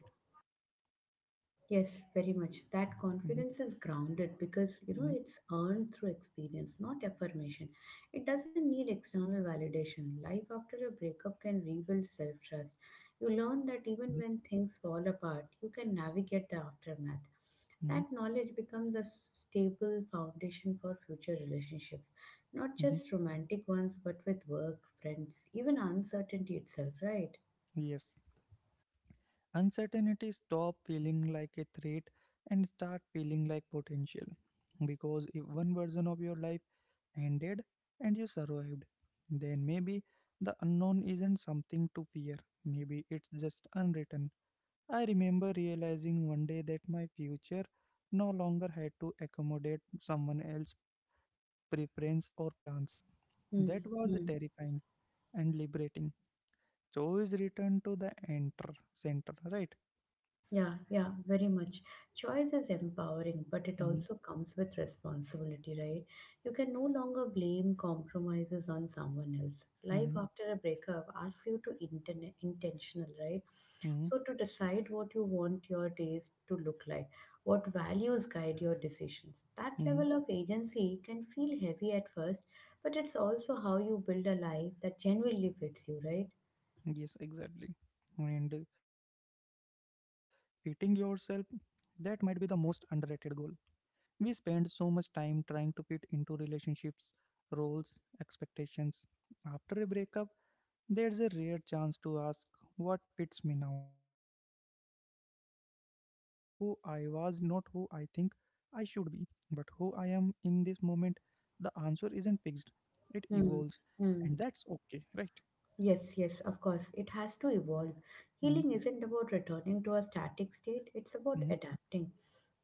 Speaker 2: yes, very much. That
Speaker 1: Mm-hmm,
Speaker 2: confidence is grounded because you
Speaker 1: mm-hmm,
Speaker 2: know it's earned through experience, not affirmation. It doesn't need external validation. Life after a breakup can rebuild self trust.
Speaker 1: mm-hmm,
Speaker 2: You learn that even when things fall apart, you can navigate the aftermath.
Speaker 1: mm-hmm.
Speaker 2: That knowledge becomes a stable foundation for future relationships, not
Speaker 1: Mm-hmm.
Speaker 2: just romantic ones, but with work, friends, even uncertainty itself, right?
Speaker 1: Yes. Uncertainty stop feeling like a threat and start feeling like potential. Because if one version of your life ended and you survived, then maybe the unknown isn't something to fear. Maybe it's just unwritten. I remember realizing one day that my future no longer had to accommodate someone else's preference or plans.
Speaker 2: Hmm.
Speaker 1: That was terrifying and liberating. Choice returned to the enter center, right?
Speaker 2: Yeah, yeah, very much. Choice is empowering, but it
Speaker 1: Mm-hmm.
Speaker 2: also comes with responsibility, right? You can no longer blame compromises on someone else. Life
Speaker 1: Mm-hmm.
Speaker 2: after a breakup asks you to intentional, right?
Speaker 1: Mm-hmm.
Speaker 2: So to decide what you want your days to look like, what values guide your decisions. That level
Speaker 1: Hmm.
Speaker 2: of agency can feel heavy at first, but it's also how you build a life that genuinely fits you, right?
Speaker 1: Yes, exactly. And fitting yourself, that might be the most underrated goal. We spend so much time trying to fit into relationships, roles, expectations. After a breakup, there's a rare chance to ask, what fits me now? Not who I was, not who I think I should be, but who I am in this moment. The answer isn't fixed, it evolves,
Speaker 2: Hmm.
Speaker 1: and
Speaker 2: Hmm.
Speaker 1: that's okay, right?
Speaker 2: Yes, yes, of course. It has to evolve.
Speaker 1: Mm-hmm.
Speaker 2: Healing isn't about returning to a static state, it's about
Speaker 1: Mm-hmm.
Speaker 2: adapting.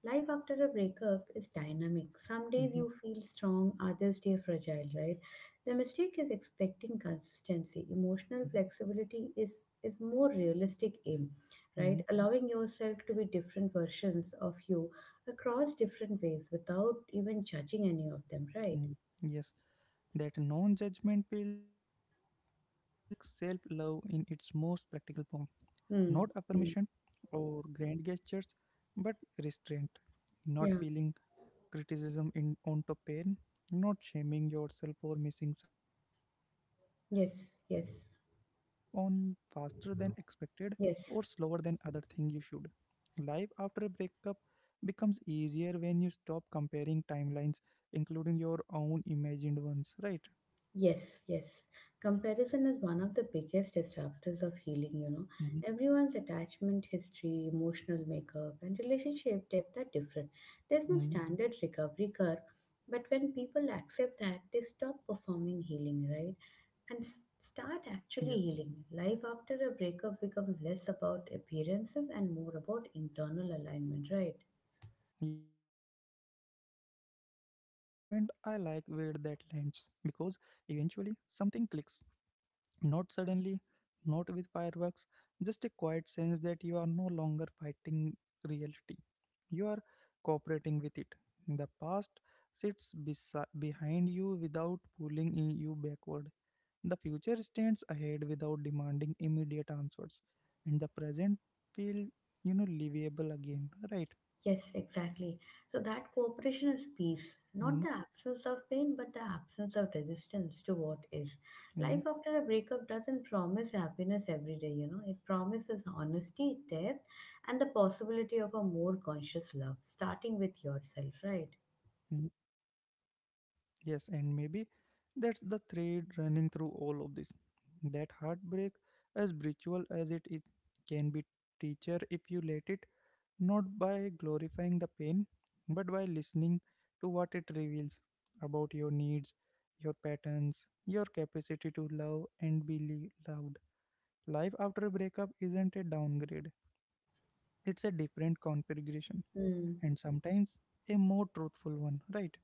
Speaker 2: Life after a breakup is dynamic. Some days
Speaker 1: Mm-hmm.
Speaker 2: you feel strong, others stay fragile, right? The mistake is expecting consistency. Emotional flexibility is more realistic aim, right?
Speaker 1: Mm-hmm.
Speaker 2: Allowing yourself to be different versions of you across different ways without even judging any of them, right?
Speaker 1: Mm. Yes, that non judgment feel like self love in its most practical form. Not
Speaker 2: Hmm.
Speaker 1: affirmation
Speaker 2: Hmm.
Speaker 1: or grand gestures, but restraint. Not
Speaker 2: Yeah.
Speaker 1: feeling criticism in onto pain, not shaming yourself for missing someone, or for
Speaker 2: Yes.
Speaker 1: moving on
Speaker 2: Yes.
Speaker 1: faster than expected, or slower than
Speaker 2: Yes.
Speaker 1: other thing you should. Life after a breakup becomes easier when you stop comparing timelines, including your own imagined ones, right?
Speaker 2: Yes, yes. Comparison is one of the biggest disruptors of healing.
Speaker 1: Mm-hmm.
Speaker 2: Everyone's attachment history, emotional makeup, and relationship depth are different. There's no
Speaker 1: Mm-hmm.
Speaker 2: standard recovery curve, but when people accept that, they stop performing healing, right? And start
Speaker 1: Yeah,
Speaker 2: actually healing. Life after a breakup becomes less about appearances and more about internal alignment, right?
Speaker 1: yes, exactly. Alignment, I like where that lands, because eventually something clicks. Not suddenly, not with fireworks, just a quiet sense that you are no longer fighting reality. You are cooperating with it. The past sits behind you without pulling in you backward. The future stands ahead without demanding immediate answers. And the present feels, you know, livable again, right?
Speaker 2: Yes, exactly. So that cooperation is peace, not the
Speaker 1: Mhm,
Speaker 2: absence of pain, but the absence of resistance to what is.
Speaker 1: mhm,
Speaker 2: Life after a breakup doesn't promise happiness every day. It promises honesty, depth, and the possibility of a more conscious love, starting with yourself, right?
Speaker 1: mhm. Yes, and maybe that's the thread running through all of this. That heartbreak, as brutal as it is, can be teacher if you let it, not by glorifying the pain, but by listening to what it reveals about your needs, your patterns, your capacity to love and be loved. Life after a breakup isn't a downgrade, it's a different configuration,
Speaker 2: Mm,
Speaker 1: and sometimes a more truthful one, right?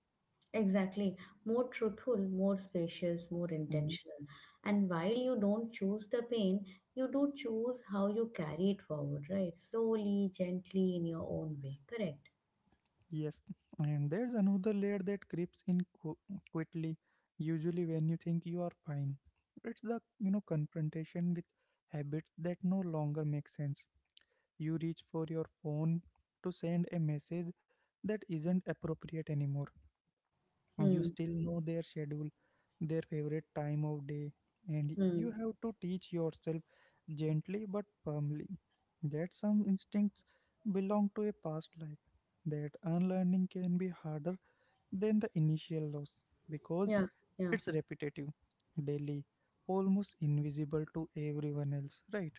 Speaker 2: exactly. More truthful, more spacious, more
Speaker 1: Mm-hmm.
Speaker 2: intentional. And while you don't choose the pain, you do choose how you carry it forward, right? Slowly, gently, in your own way. Correct.
Speaker 1: Yes, and there's another layer that creeps in quickly, usually when you think you are fine. It's the, you know, confrontation with habits that no longer make sense. You reach for your phone to send a message that isn't appropriate anymore. You
Speaker 2: Mm,
Speaker 1: still know their schedule, their favorite time of day, and you
Speaker 2: mm.
Speaker 1: have to teach yourself gently but firmly that some instincts belong to a past life. That unlearning can be harder than the initial loss because
Speaker 2: Yeah, yeah.
Speaker 1: it's repetitive, daily, almost invisible to everyone else, right?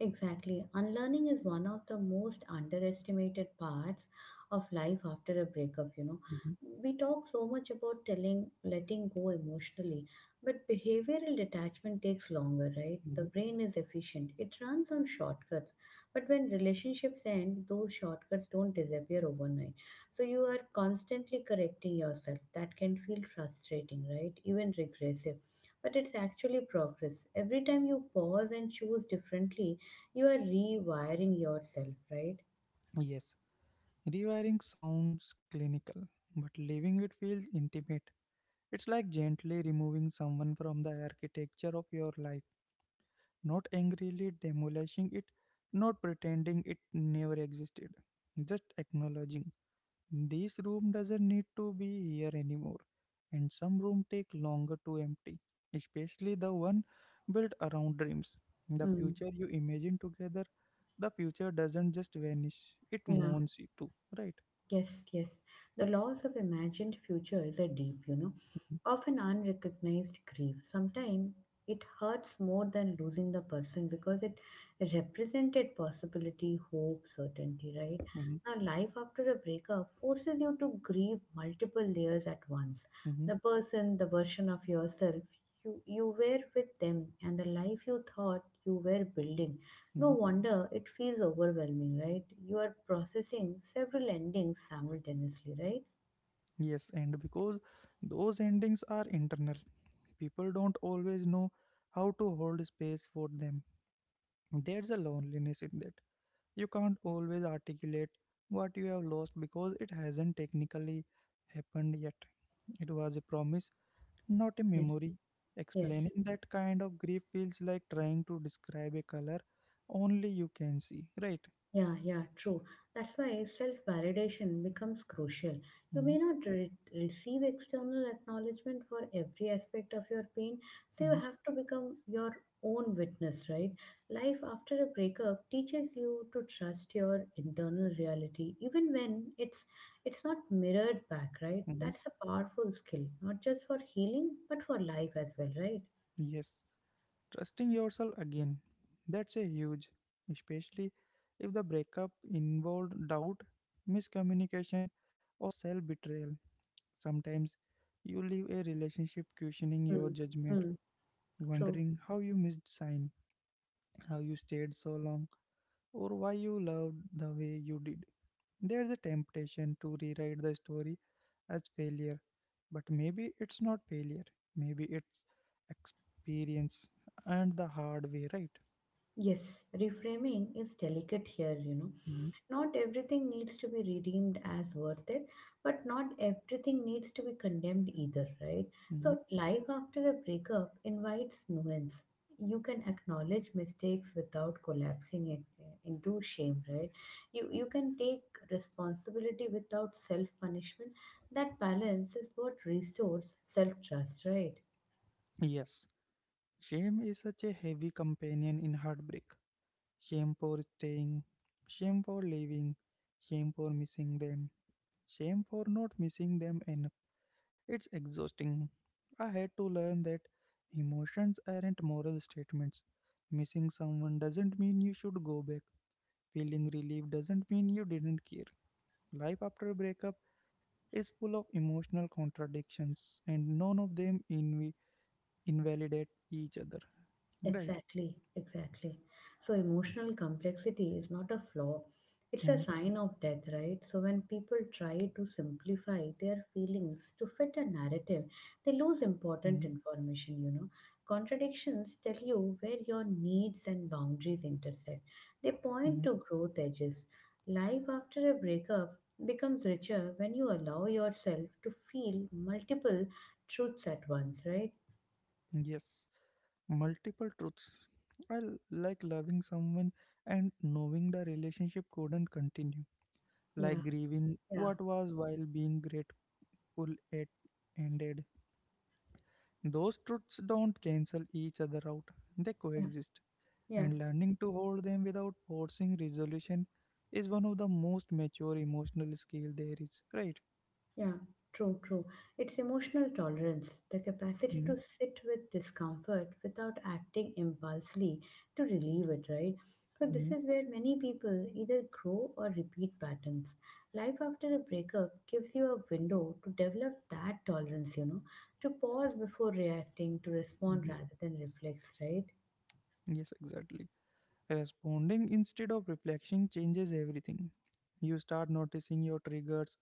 Speaker 2: Exactly. Unlearning is one of the most underestimated parts of life after a breakup.
Speaker 1: Mhm,
Speaker 2: We talk so much about telling letting go emotionally, but behavioral detachment takes longer, right? The
Speaker 1: mhm.
Speaker 2: brain is efficient. It runs on shortcuts. But when relationships end, those shortcuts don't disappear overnight. So you are constantly correcting yourself. That can feel frustrating, right? Even regressive. But it's actually progress. Every time you pause and choose differently, you are rewiring yourself, right?
Speaker 1: Yes, rewiring sounds clinical, but leaving it feels intimate. It's like gently removing someone from the architecture of your life, not angrily demolishing it, not pretending it never existed, just acknowledging, this room doesn't need to be here anymore, and some rooms take longer to empty, especially the one built around dreams. The
Speaker 2: Mm,
Speaker 1: future you imagine together, the future doesn't just vanish, it
Speaker 2: yeah,
Speaker 1: mourns you too, right?
Speaker 2: yes, yes. The loss of imagined future is a deep,
Speaker 1: Mhm,
Speaker 2: often unrecognized grief. Sometimes it hurts more than losing the person because it represented possibility, hope, certainty, right? Now, life after a breakup forces you to grieve multiple layers at once.
Speaker 1: mhm,
Speaker 2: The person, the version of yourself you were with them, and the life you thought you were building. No
Speaker 1: mhm.
Speaker 2: wonder it feels overwhelming, right? You are processing several endings simultaneously, right?
Speaker 1: Yes, and because those endings are internal, people don't always know how to hold space for them. There's a loneliness in that. You can't always articulate what you have lost because it hasn't technically happened yet. It was a promise, not a
Speaker 2: Yes.
Speaker 1: memory. Explaining
Speaker 2: Yes.
Speaker 1: that kind of grief feels like trying to describe a color only you can see, right?
Speaker 2: Yeah, yeah, true. That's why self validation becomes crucial. You
Speaker 1: Hmm.
Speaker 2: may not receive external acknowledgement for every aspect of your pain, so you
Speaker 1: Hmm.
Speaker 2: have to become your own witness, right? Life after a breakup teaches you to trust your internal reality, even when it's not mirrored back, right?
Speaker 1: Hmm.
Speaker 2: That's a powerful skill, not just for healing, but for life as well, right?
Speaker 1: Yes. Trusting yourself again. That's a huge, especially if the breakup involved doubt, miscommunication, or self betrayal. Sometimes you leave a relationship questioning your
Speaker 2: Mm,
Speaker 1: judgment,
Speaker 2: mm, true.
Speaker 1: wondering how you missed sign, how you stayed so long, or why you loved the way you did. There's a temptation to rewrite the story as failure, but maybe it's not failure. Maybe it's experience, and the hard way, right?
Speaker 2: Yes, reframing is delicate here.
Speaker 1: Mhm,
Speaker 2: Not everything needs to be redeemed as worth it, but not everything needs to be condemned either, right?
Speaker 1: mhm.
Speaker 2: So, life after a breakup invites nuance. You can acknowledge mistakes without collapsing it into shame, right? You can take responsibility without self punishment. That balance is what restores self trust, right?
Speaker 1: Yes, shame is such a heavy companion in heartbreak. Shame for staying, shame for leaving, shame for missing them, shame for not missing them enough. It's exhausting. I had to learn that emotions aren't moral statements. Missing someone doesn't mean you should go back. Feeling relief doesn't mean you didn't care. Life after a breakup is full of emotional contradictions, and none of them invalidate each other. Right?
Speaker 2: Exactly, exactly. So emotional complexity is not a flaw. It's a
Speaker 1: Hmm.
Speaker 2: sign of death, right? So when people try to simplify their feelings to fit a narrative, they lose
Speaker 1: Hmm.
Speaker 2: important information. Contradictions tell you where your needs and boundaries intersect. They
Speaker 1: Hmm.
Speaker 2: point to growth edges. Life after a breakup becomes richer when you allow yourself to feel multiple truths at once, right?
Speaker 1: Yes. Multiple truths. I like loving someone and knowing the relationship couldn't continue,
Speaker 2: Yeah,
Speaker 1: like grieving
Speaker 2: yeah,
Speaker 1: what was while being grateful it ended. Those truths don't cancel each other out, they
Speaker 2: yeah,
Speaker 1: coexist,
Speaker 2: yeah.
Speaker 1: and learning to hold them without forcing resolution is one of the most mature emotional skill there is, right?
Speaker 2: Yeah, true, true. It's emotional tolerance, the capacity
Speaker 1: Mhm,
Speaker 2: to sit with discomfort without acting impulsively to relieve it, right? So, this
Speaker 1: mhm,
Speaker 2: is where many people either grow or repeat patterns. Life after a breakup gives you a window to develop that tolerance, to pause before reacting, to respond
Speaker 1: mhm.
Speaker 2: rather than reflex, right?
Speaker 1: Yes, exactly. Responding instead of reflection changes everything. You start noticing your triggers,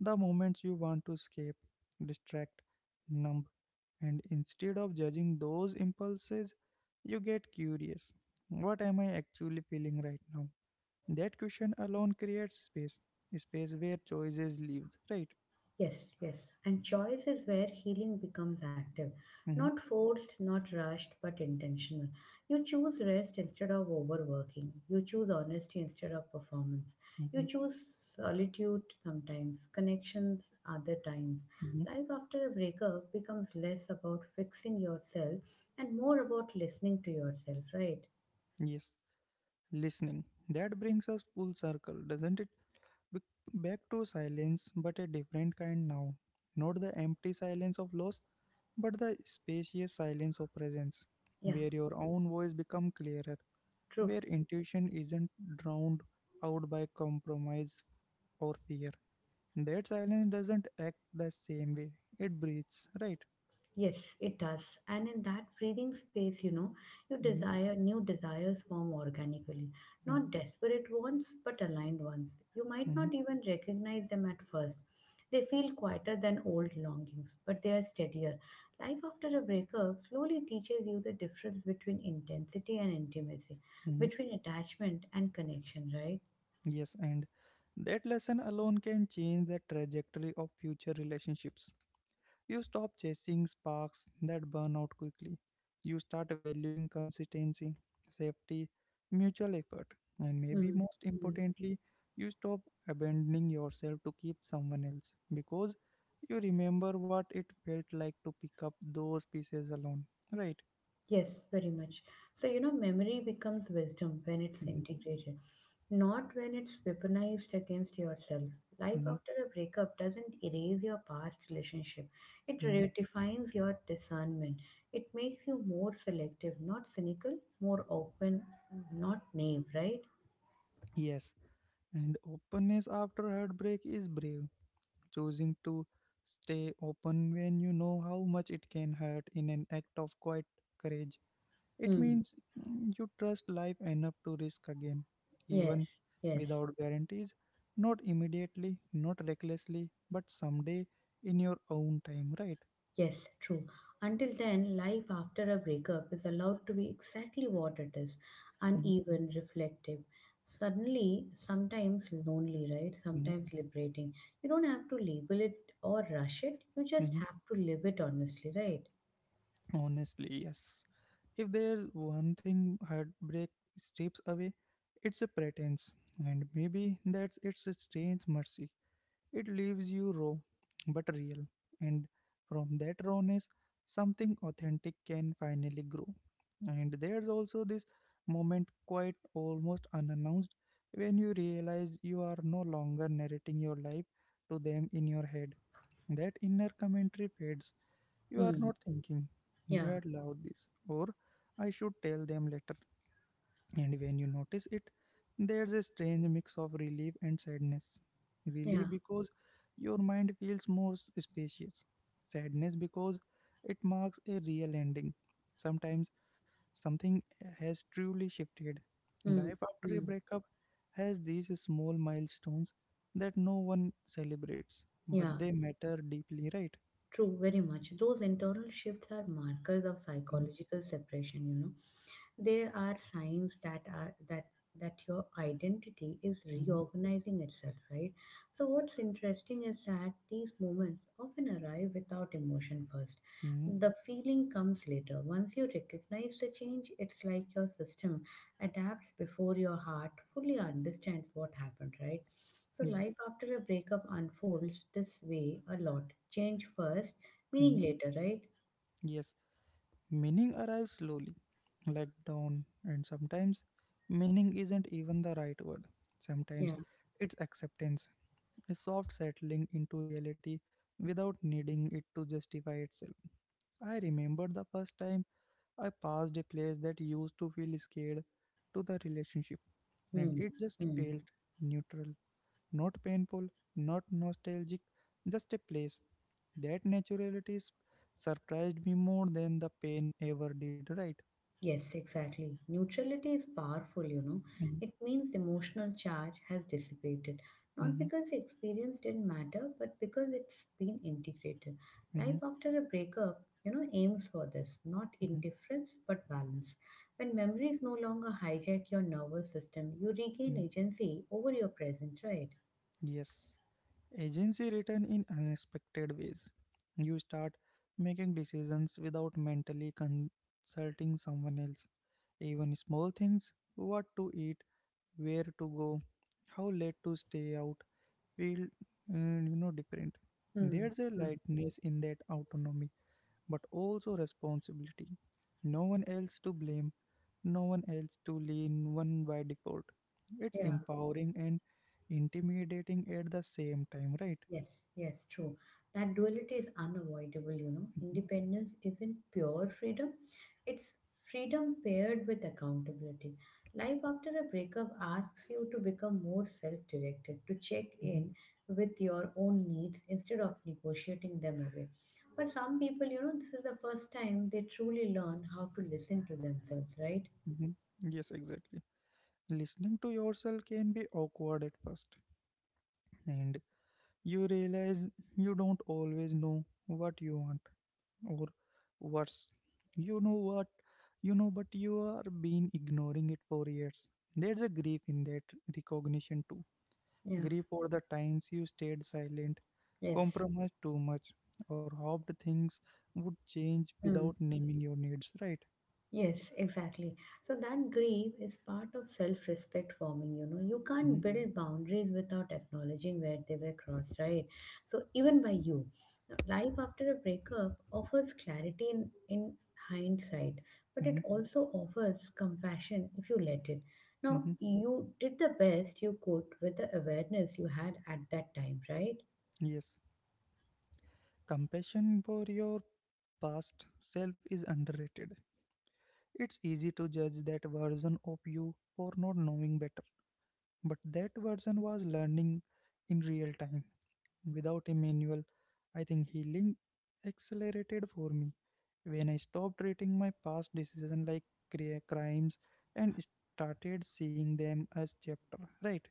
Speaker 1: the moments you want to escape, distract, numb, and instead of judging those impulses, you get curious. What am I actually feeling right now? That question alone creates space, a space where choices lives, right?
Speaker 2: Yes, yes. And choice is where healing becomes active.
Speaker 1: hmm
Speaker 2: Not forced, not rushed, but intentional. You choose rest instead of overworking. You choose honesty instead of performance. You
Speaker 1: hmm
Speaker 2: choose solitude sometimes, connections other times.
Speaker 1: hmm
Speaker 2: Life after a breakup becomes less about fixing yourself and more about listening to yourself, right?
Speaker 1: Yes, listening. That brings us full circle, doesn't it? Bec- Back to silence, but a different kind now. Not the empty silence of loss, but the spacious silence of presence,
Speaker 2: Yeah,
Speaker 1: where your own voice becomes clearer,
Speaker 2: true.
Speaker 1: where intuition isn't drowned out by compromise or fear. That silence doesn't act the same way. It breathes, right?
Speaker 2: Yes, it does. And in that breathing space, you know, you
Speaker 1: Mhm,
Speaker 2: desire new desires form organically. Not
Speaker 1: mhm,
Speaker 2: desperate ones, but aligned ones. You might
Speaker 1: mhm,
Speaker 2: not even recognize them at first. They feel quieter than old longings, but they are steadier. Life after a breakup slowly teaches you the difference between intensity and intimacy,
Speaker 1: mhm.
Speaker 2: between attachment and connection, right?
Speaker 1: Yes, and that lesson alone can change the trajectory of future relationships. You stop chasing sparks that burn out quickly. You start valuing consistency, safety, mutual effort, and maybe
Speaker 2: Hmm.
Speaker 1: most importantly, you stop abandoning yourself to keep someone else, because you remember what it felt like to pick up those pieces alone, right?
Speaker 2: Yes, very much. So, memory becomes wisdom when it's
Speaker 1: hmm
Speaker 2: integrated, not when it's weaponized against yourself. Life
Speaker 1: hmm
Speaker 2: after a breakup doesn't erase your past relationship, it
Speaker 1: hmm
Speaker 2: redefines your discernment. It makes you more selective, not cynical, more open, not naive, right?
Speaker 1: Yes, and openness after heartbreak is brave, choosing to stay open when you know how much it can hurt in an act of quiet courage. It
Speaker 2: Hmm.
Speaker 1: means you trust life enough to risk again, even
Speaker 2: Yes, yes.
Speaker 1: without guarantees, not immediately, not recklessly, but someday in your own time, right?
Speaker 2: Yes, true. Until then, life after a breakup is allowed to be exactly what it is
Speaker 1: Mhm,
Speaker 2: uneven, reflective. Suddenly, sometimes lonely, right?
Speaker 1: mhm,
Speaker 2: Sometimes liberating. You don't have to label it or rush it, you just
Speaker 1: mhm.
Speaker 2: have to live it honestly, right?
Speaker 1: Honestly, yes. If there's one thing heartbreak strips away, it's a pretense, and maybe that's its strange mercy. It leaves you raw but real, and from that rawness, something authentic can finally grow. And there's also this moment, quite almost unannounced, when you realize you are no longer narrating your life to them in your head. That inner commentary fades. You are
Speaker 2: Hmm.
Speaker 1: not thinking, you
Speaker 2: Yeah.
Speaker 1: had loved this, or I should tell them later. And when you notice it, there's a strange mix of relief and sadness. Relief
Speaker 2: Yeah.
Speaker 1: because your mind feels more spacious. Sadness because it marks a real ending. Sometimes something has truly shifted.
Speaker 2: Hmm.
Speaker 1: Life after a
Speaker 2: Hmm.
Speaker 1: breakup has these small milestones that no one celebrates, but
Speaker 2: Yeah.
Speaker 1: they matter deeply, right?
Speaker 2: True. Very much. Those internal shifts are markers of
Speaker 1: Mm-hmm.
Speaker 2: psychological separation, you know. There are signs that are that that your identity is reorganizing itself, right? So what's interesting is that these moments often arrive without emotion first.
Speaker 1: Mm-hmm.
Speaker 2: The feeling comes later. Once you recognize the change, it's like your system adapts before your heart fully understands what happened, right? So
Speaker 1: Yeah.
Speaker 2: life after a breakup unfolds this way a lot. Change first,
Speaker 1: mhm,
Speaker 2: meaning later, right?
Speaker 1: Yes. Meaning arrives slowly, like dawn, and sometimes meaning isn't even the right word. Sometimes
Speaker 2: Yeah.
Speaker 1: it's acceptance, a soft settling into reality without needing it to justify itself. I remember the first time I passed a place that used to feel scared to the relationship, and
Speaker 2: Hmm.
Speaker 1: it just
Speaker 2: Hmm.
Speaker 1: felt neutral, not painful, not nostalgic, just a place. That naturality surprised me more than the pain ever did, right?
Speaker 2: Yes, exactly. Neutrality is powerful, you know.
Speaker 1: Mhm,
Speaker 2: It means emotional charge has dissipated, not
Speaker 1: mhm,
Speaker 2: because the experience didn't matter, but because it's been integrated.
Speaker 1: mhm,
Speaker 2: Life after a breakup, aims for this, not
Speaker 1: mhm,
Speaker 2: indifference, but balance. When memories no longer hijack your nervous system, you regain
Speaker 1: mhm.
Speaker 2: agency over your present, right?
Speaker 1: Yes, agency return in unexpected ways. You start making decisions without mentally consulting someone else. Even small things, what to eat, where to go, how late to stay out, feel different.
Speaker 2: Hmm.
Speaker 1: There's a
Speaker 2: Hmm.
Speaker 1: lightness in that autonomy, but also responsibility. No one else to blame, no one else to lean one by default. It's
Speaker 2: Yeah.
Speaker 1: empowering and intimidating at the same time, right?
Speaker 2: Yes, yes, true. That duality is unavoidable, you know.
Speaker 1: Mhm,
Speaker 2: Independence isn't pure freedom, it's freedom paired with accountability. Life after a breakup asks you to become more self directed, to check
Speaker 1: mhm,
Speaker 2: in with your own needs instead of negotiating them away. For some people, you know, this is the first time they truly learn how to listen to themselves, right?
Speaker 1: mhm. Yes, exactly. Listening to yourself can be awkward at first, and you realize you don't always know what you want, or worse, you know what you know, but you are been ignoring it for years. There's a grief in that recognition too.
Speaker 2: Yeah.
Speaker 1: Grief for the times you stayed silent,
Speaker 2: Yes.
Speaker 1: compromised too much, or hoped things would change without naming your needs, right?
Speaker 2: Yes, exactly. So that grief is part of self-respect forming, you know. You
Speaker 1: Mm-hmm,
Speaker 2: can't build boundaries without acknowledging where they were crossed, right? So even by you. Now, life after a breakup offers clarity in hindsight, but
Speaker 1: mm-hmm,
Speaker 2: it also offers compassion if you let it. Now,
Speaker 1: mm-hmm.
Speaker 2: you did the best you could with the awareness you had at that time, right?
Speaker 1: Yes. Compassion for your past self is underrated. It's easy to judge that version of you for not knowing better, but that version was learning in real time. Without a manual, I think healing accelerated for me when I stopped treating my past decisions like crimes and started seeing them as chapter. Right?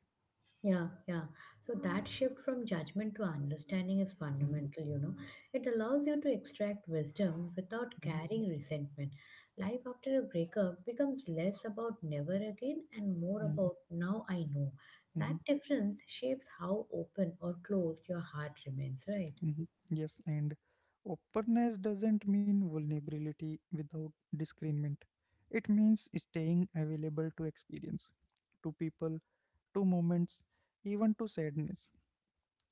Speaker 2: Yeah, yeah. So that shift from judgment to understanding is
Speaker 1: Mhm,
Speaker 2: fundamental, you know. It allows you to extract wisdom without
Speaker 1: mhm,
Speaker 2: carrying resentment. Life after a breakup becomes less about never again and more
Speaker 1: mhm,
Speaker 2: about now I know.
Speaker 1: mhm,
Speaker 2: That difference shapes how open or closed your heart remains, right?
Speaker 1: mhm. Yes, and openness doesn't mean vulnerability without discernment. It means staying available to experience, to people, to moments, even to sadness.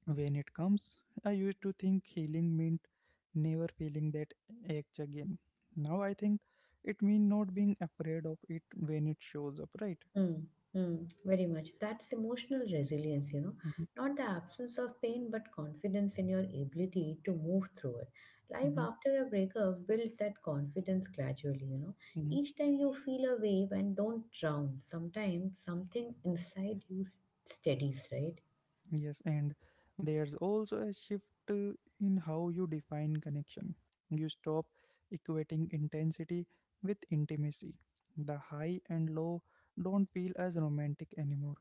Speaker 1: When it comes, I used to think healing meant never feeling that ache again. Now I think it means not being afraid of it when it shows up, right?
Speaker 2: Mm, mm, very much. That's emotional resilience, you know,
Speaker 1: Mhm,
Speaker 2: not the absence of pain, but confidence in your ability to move through it. Life
Speaker 1: mhm,
Speaker 2: after a breakup builds that confidence gradually, you know.
Speaker 1: mhm.
Speaker 2: Each time you feel a wave and don't drown, sometimes something inside you steadies, right?
Speaker 1: Yes, and there's also a shift uh, in how you define connection. You stop equating intensity with intimacy. The high and low don't feel as romantic anymore.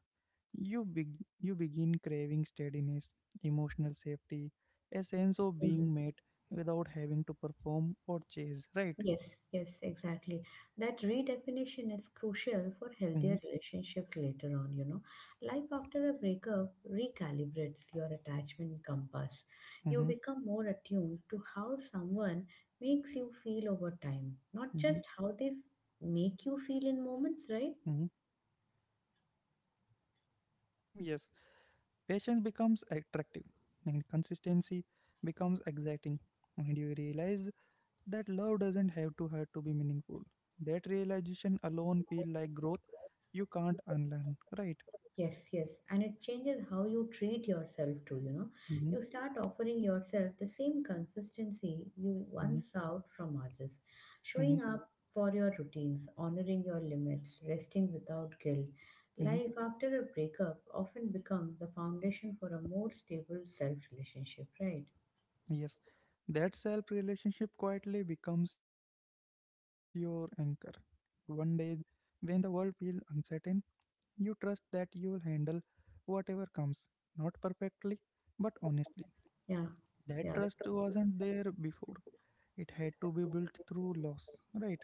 Speaker 1: You, beg you begin craving steadiness, emotional safety, a sense of
Speaker 2: 嗯，
Speaker 1: being met without having to perform or chase, right?
Speaker 2: Yes, yes, exactly. That redefinition is crucial for
Speaker 1: hmm
Speaker 2: healthier relationships later on, you know. Life after a breakup recalibrates your attachment compass. You
Speaker 1: hmm
Speaker 2: become more attuned to how someone makes you feel over time, not just how
Speaker 1: hmm
Speaker 2: they make you feel in moments, right?
Speaker 1: hmm Yes, over time, yes, patience becomes attractive and consistency becomes exciting. And you realize that love doesn't have to hurt to be meaningful. That realization alone feel like growth you can't unlearn, right?
Speaker 2: Yes, yes. And it changes how you treat yourself too, you know.
Speaker 1: Mm-hmm,
Speaker 2: You start offering yourself the same consistency you
Speaker 1: mm-hmm,
Speaker 2: once sought from others,
Speaker 1: mm-hmm,
Speaker 2: showing up for your routines, honoring your limits, resting without guilt.
Speaker 1: mm-hmm.
Speaker 2: Life after a breakup often becomes the foundation for a more stable self relationship, right?
Speaker 1: Yes, that self relationship quietly becomes your anchor. One day, when the world feels uncertain, you trust that you will handle whatever comes, not perfectly, but honestly.
Speaker 2: Yeah,
Speaker 1: That
Speaker 2: yeah.
Speaker 1: trust wasn't there before. It had to be built through loss, right?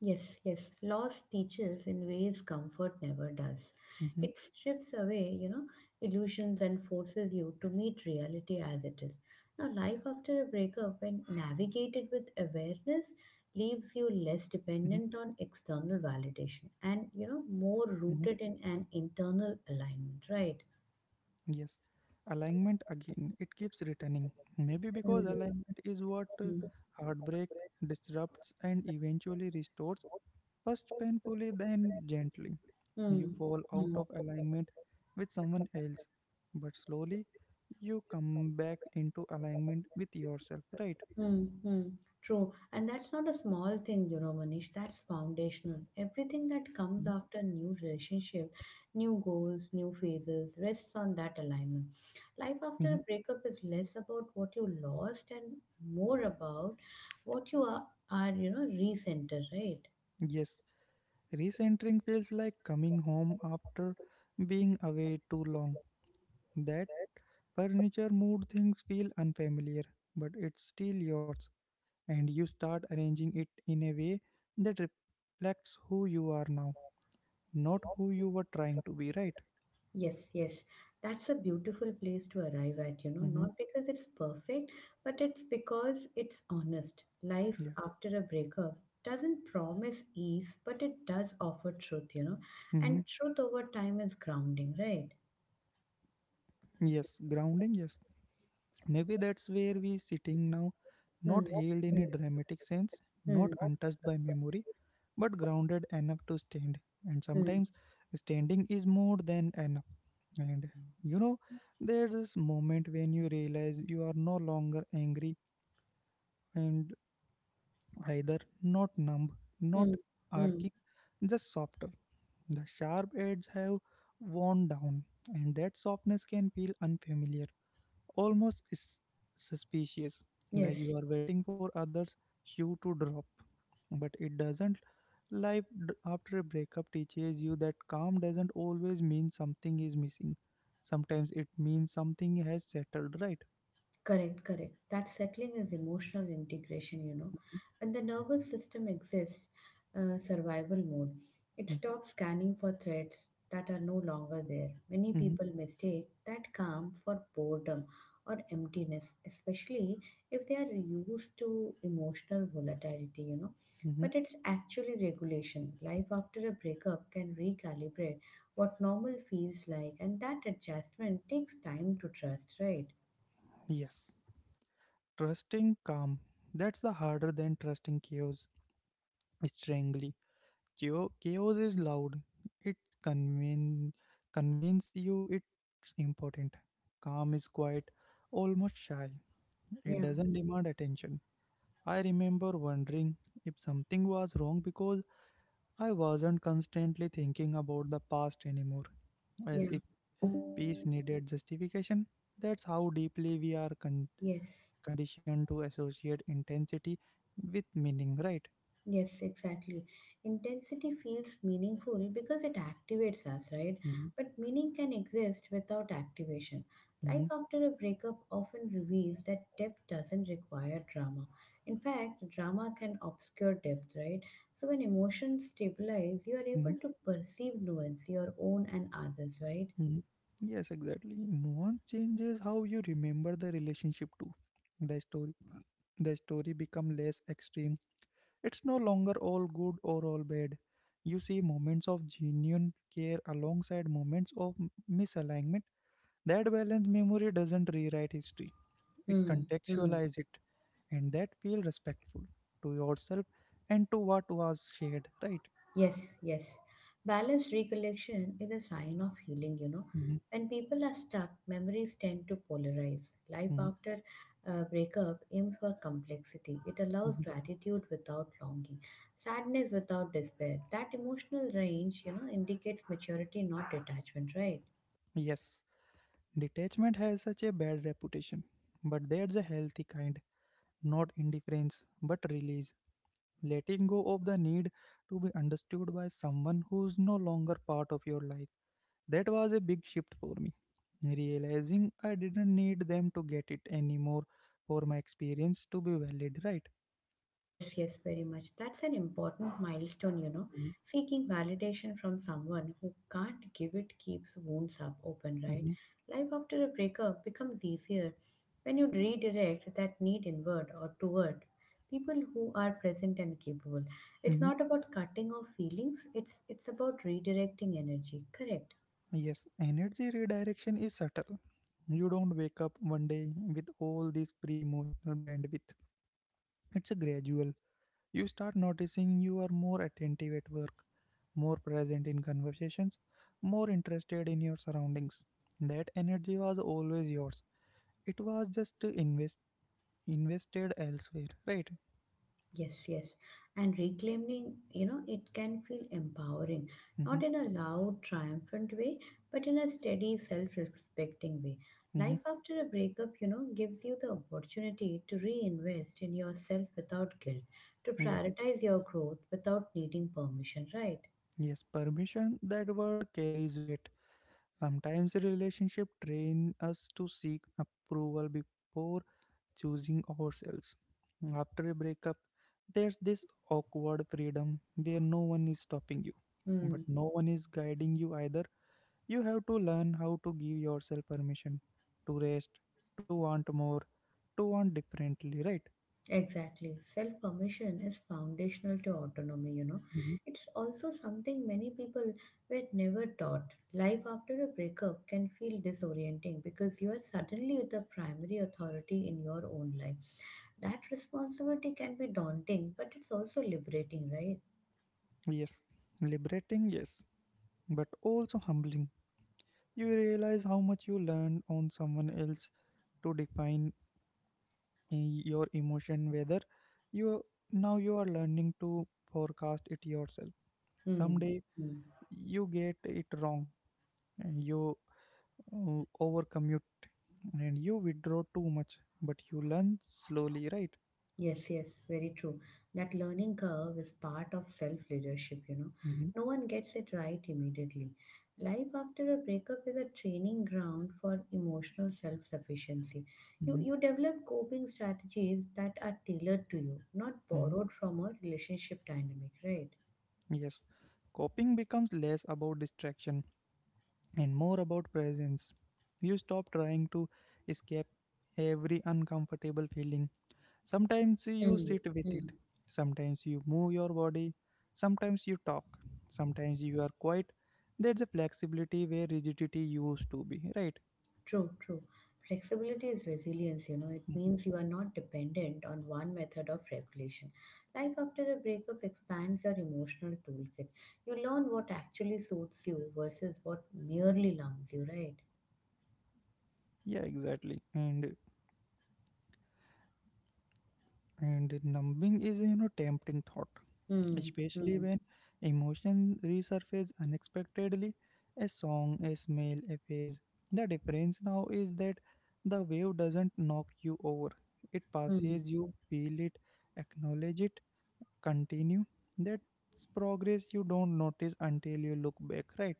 Speaker 2: Yes, yes. Loss teaches in ways comfort never does.
Speaker 1: Mm-hmm,
Speaker 2: It strips away, you know, illusions and forces you to meet reality as it is.
Speaker 1: mm-hmm,
Speaker 2: Now, life after a breakup, when navigated with awareness, leaves you
Speaker 1: mm-hmm,
Speaker 2: less dependent on external validation and, you know,
Speaker 1: mm-hmm.
Speaker 2: more rooted in an internal alignment, right?
Speaker 1: Yes, alignment again, it keeps returning. Maybe because
Speaker 2: Mm,
Speaker 1: alignment is what
Speaker 2: mm,
Speaker 1: heartbreak disrupts and eventually restores, first painfully, then gently. You
Speaker 2: mm,
Speaker 1: fall out
Speaker 2: mm.
Speaker 1: of alignment with someone else, but slowly you come back into alignment with yourself, right?
Speaker 2: Mm-hmm. True. And that's not a small thing, you know, Manish. That's foundational.
Speaker 1: Mm-hmm.
Speaker 2: Everything that comes after new relationship, new goals, new phases rests on that alignment. Life
Speaker 1: Mm-hmm.
Speaker 2: after a breakup is less about what you lost and more about what you are recenter, right?
Speaker 1: Yes, recentering feels like coming home after being away too long. That furniture mood things feel unfamiliar, but it's still yours, and you start arranging it in a way that reflects who you are now, not who you were trying to be, right?
Speaker 2: Yes, yes. That's a beautiful place to arrive at, you know,
Speaker 1: Mm-hmm.
Speaker 2: not because it's perfect, but it's because it's honest. Life
Speaker 1: Yeah.
Speaker 2: after a breakup doesn't promise ease, but it does offer truth, you know,
Speaker 1: hmm
Speaker 2: and truth over time is grounding, right?
Speaker 1: Yes, grounding, yes. Maybe that's where we sitting now,
Speaker 2: Hmm.
Speaker 1: not held in
Speaker 2: Hmm.
Speaker 1: a dramatic sense,
Speaker 2: Hmm.
Speaker 1: not untouched by memory, but grounded enough to stand. And
Speaker 2: Hmm.
Speaker 1: sometimes standing is more than enough. And you know, there's this moment when you realize you are no longer angry and either not numb, not
Speaker 2: Hmm. Hmm.
Speaker 1: arcing, just softer. The sharp edges have worn down, and that softness can feel unfamiliar, almost is suspicious, like
Speaker 2: Yes.
Speaker 1: you are waiting for others shoe to drop. But it doesn't. After a breakup teaches you that calm doesn't always mean something is missing. Sometimes it means something has settled, right?
Speaker 2: Correct, correct. That settling is emotional integration, you know. And the nervous system exists survival mode. It stops scanning for threats that are no longer there. Many
Speaker 1: Mm-hmm.
Speaker 2: people mistake that calm for boredom or emptiness, especially if they are used to emotional volatility, you know.
Speaker 1: hmm
Speaker 2: But it's actually regulation. Life after a breakup can recalibrate what normal feels like, and that adjustment takes time to trust, right?
Speaker 1: Yes. Trusting calm. That's the harder than trusting chaos. Strangely. Chaos is loud. It convince convince you it's important. Calm is quiet, almost shy. It
Speaker 2: Yeah,
Speaker 1: doesn't demand attention. I remember wondering if something was wrong because I wasn't constantly thinking about the past anymore, as
Speaker 2: yeah.
Speaker 1: if peace needed justification. That's how deeply we are
Speaker 2: Yes,
Speaker 1: conditioned to associate intensity with meaning, right?
Speaker 2: yes, exactly. Intensity feels meaningful because it activates us, right?
Speaker 1: Mm-hmm.
Speaker 2: But meaning can exist without activation. Life
Speaker 1: Mm-hmm.
Speaker 2: after a breakup often reveals that depth doesn't require drama. In fact, drama can obscure depth, right? So when emotions stabilize, you are
Speaker 1: Mm-hmm.
Speaker 2: able to perceive nuance, your own and others, right?
Speaker 1: Mhm. Yes, exactly. Nuance changes how you remember the relationship too. The story, the story become less extreme. It's no longer all good or all bad. You see moments of genuine care alongside moments of misalignment. That balance memory doesn't rewrite history. It
Speaker 2: Hmm. Hmm.
Speaker 1: contextualize it, and that feel respectful to yourself and to what was shared. Right.
Speaker 2: Yes, yes. Balanced recollection is a sign of healing, you know.
Speaker 1: Mhm.
Speaker 2: When people are stuck, memories tend to polarize. Life
Speaker 1: Mhm.
Speaker 2: after a breakup aims for complexity. It allows
Speaker 1: Mhm.
Speaker 2: gratitude without longing, sadness without despair. That emotional range, you know, indicates maturity, not detachment, right?
Speaker 1: Yes. Detachment has such a bad reputation, but there's a healthy kind, not indifference, but release. Letting go of the need to be understood by someone who's no longer part of your life. That was a big shift for me. Realizing I didn't need them to get it anymore for my experience to be valid, right?
Speaker 2: Yes, yes, very much. That's an important milestone, you know. Seeking validation from someone who can't give it keeps wounds up open, right?
Speaker 1: Mm-hmm.
Speaker 2: Life after a breakup becomes easier when you redirect that need inward or toward people who are present and capable. It's
Speaker 1: hmm
Speaker 2: not about cutting off feelings, it's about redirecting energy, correct?
Speaker 1: Yes, energy redirection is subtle. You don't wake up one day with all this pre emotional bandwidth. It's a gradual. You start noticing you are more attentive at work, more present in conversations, more interested in your surroundings. That energy was always yours. It was just invested elsewhere, right?
Speaker 2: Yes, yes. And reclaiming, you know, it can feel empowering,
Speaker 1: Mm-hmm,
Speaker 2: not in a loud, triumphant way, but in a steady, self respecting way.
Speaker 1: mm-hmm,
Speaker 2: Life after a breakup, you know, gives you the opportunity to reinvest in yourself without guilt, to
Speaker 1: yeah.
Speaker 2: prioritize your growth without needing permission, right?
Speaker 1: Yes, permission, that word carries weight. Sometimes relationship train us to seek approval before choosing ourselves. After a breakup, there's this awkward freedom where no one is stopping you, but
Speaker 2: Hmm.
Speaker 1: no one is guiding you either. You have to learn how to give yourself permission to rest, to want more, to want differently, right?
Speaker 2: Exactly. Self permission is foundational to autonomy, you know.
Speaker 1: Mhm.
Speaker 2: It's also something many people were never taught. Life after a breakup can feel disorienting because you are suddenly the primary authority in your own life. That responsibility can be daunting, but it's also liberating, right?
Speaker 1: Yes, liberating, yes, but also humbling. You realize how much you learned on someone else to define your emotion, whether you, now you are learning to forecast it yourself.
Speaker 2: Hmm.
Speaker 1: Someday
Speaker 2: Hmm.
Speaker 1: you get it wrong, and you overcommute and you withdraw too much, but you learn slowly, right?
Speaker 2: Yes, yes, very true. That learning curve is part of self leadership, you know.
Speaker 1: hmm
Speaker 2: No one gets it right immediately. Life after a breakup is a training ground for emotional self sufficiency. You,
Speaker 1: hmm
Speaker 2: you develop coping strategies that are tailored to you, not
Speaker 1: hmm
Speaker 2: borrowed from a relationship dynamic, right?
Speaker 1: yes, coping becomes less about distraction and more about presence. You stop trying to escape every uncomfortable feeling. Sometimes you
Speaker 2: Mm,
Speaker 1: sit with it,
Speaker 2: mm.
Speaker 1: sometimes you move your body, sometimes you talk, sometimes you are quiet. There's a flexibility where rigidity used to be, right?
Speaker 2: True, true. Flexibility is resilience, you know, it
Speaker 1: Mhm.
Speaker 2: means you are not dependent on one method of regulation. Life after a breakup expands your emotional toolkit. You learn what actually suits you versus what merely numbs you, right?
Speaker 1: Yeah, exactly. And numbing is tempting thought,
Speaker 2: Hmm,
Speaker 1: especially
Speaker 2: hmm,
Speaker 1: when emotions resurface unexpectedly, a song, a smell, a phase. The difference now is that the wave doesn't knock you over, it
Speaker 2: hmm.
Speaker 1: passes, you feel it, acknowledge it, continue. That's progress you don't notice until you look back, right?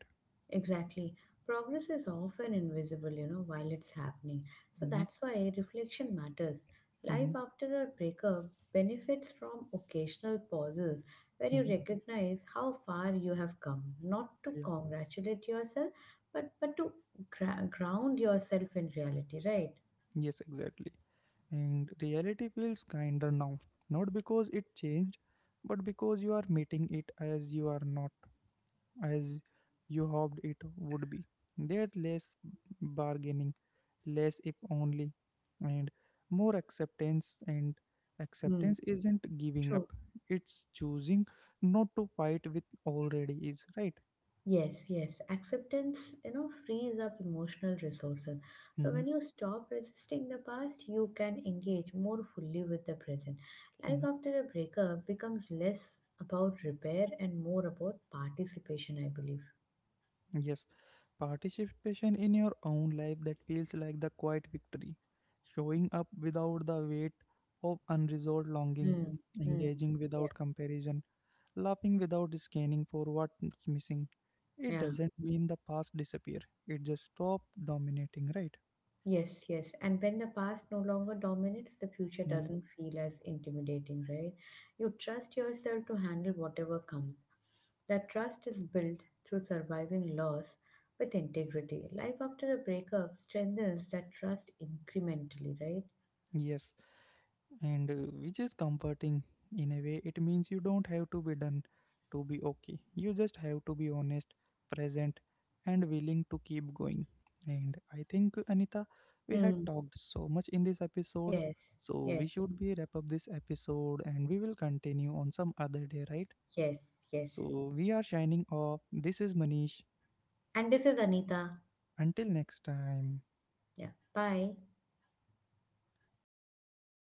Speaker 2: Exactly. Progress is often invisible, you know, while it's happening. So
Speaker 1: hmm
Speaker 2: that's why reflection matters. Life
Speaker 1: hmm
Speaker 2: after a breakup benefits from occasional pauses where you
Speaker 1: hmm
Speaker 2: recognize how far you have come, not to
Speaker 1: Yeah,
Speaker 2: congratulate yourself, but to ground yourself in reality, right?
Speaker 1: yes, exactly. And reality feels kinder now, not because it changed, but because you are meeting it as you are not, as you hoped it would be. There's less bargaining, less if only, and more acceptance. And
Speaker 2: Hmm.
Speaker 1: acceptance isn't giving up,
Speaker 2: True.
Speaker 1: it's choosing not to fight with already is, right?
Speaker 2: Yes, yes. Acceptance, you know, frees up emotional resources. So
Speaker 1: hmm
Speaker 2: when you stop resisting the past, you can engage more fully with the present. Life
Speaker 1: hmm
Speaker 2: after a breakup becomes less about repair and more about participation, I believe.
Speaker 1: Yes, participation in your own life that feels like the quiet victory, showing up without the weight of unresolved longing,
Speaker 2: Hmm. Hmm.
Speaker 1: engaging
Speaker 2: Yeah.
Speaker 1: without comparison, laughing without scanning for what's missing. It
Speaker 2: Yeah.
Speaker 1: doesn't mean the past disappear. It just stop dominating, right?
Speaker 2: Yes, yes. And when the past no longer dominates, the future
Speaker 1: Mm,
Speaker 2: doesn't feel as intimidating, right? You trust yourself to handle whatever comes. That trust is built through surviving loss with integrity. Life after a breakup strengthens that trust incrementally, right?
Speaker 1: yes, and which is comforting in a way. It means you don't have to be done to be okay. You just have to be honest, present, and willing to keep going. And I think Anita, we had
Speaker 2: Mm.
Speaker 1: talked so much in this episode,
Speaker 2: Yes,
Speaker 1: so we
Speaker 2: yes,
Speaker 1: should be wrap up this episode, and we will continue on some other day, right?
Speaker 2: yes, yes.
Speaker 1: So we are shining off. This is Manish.
Speaker 2: And this is Anita.
Speaker 1: Until next time.
Speaker 2: Yeah. Bye.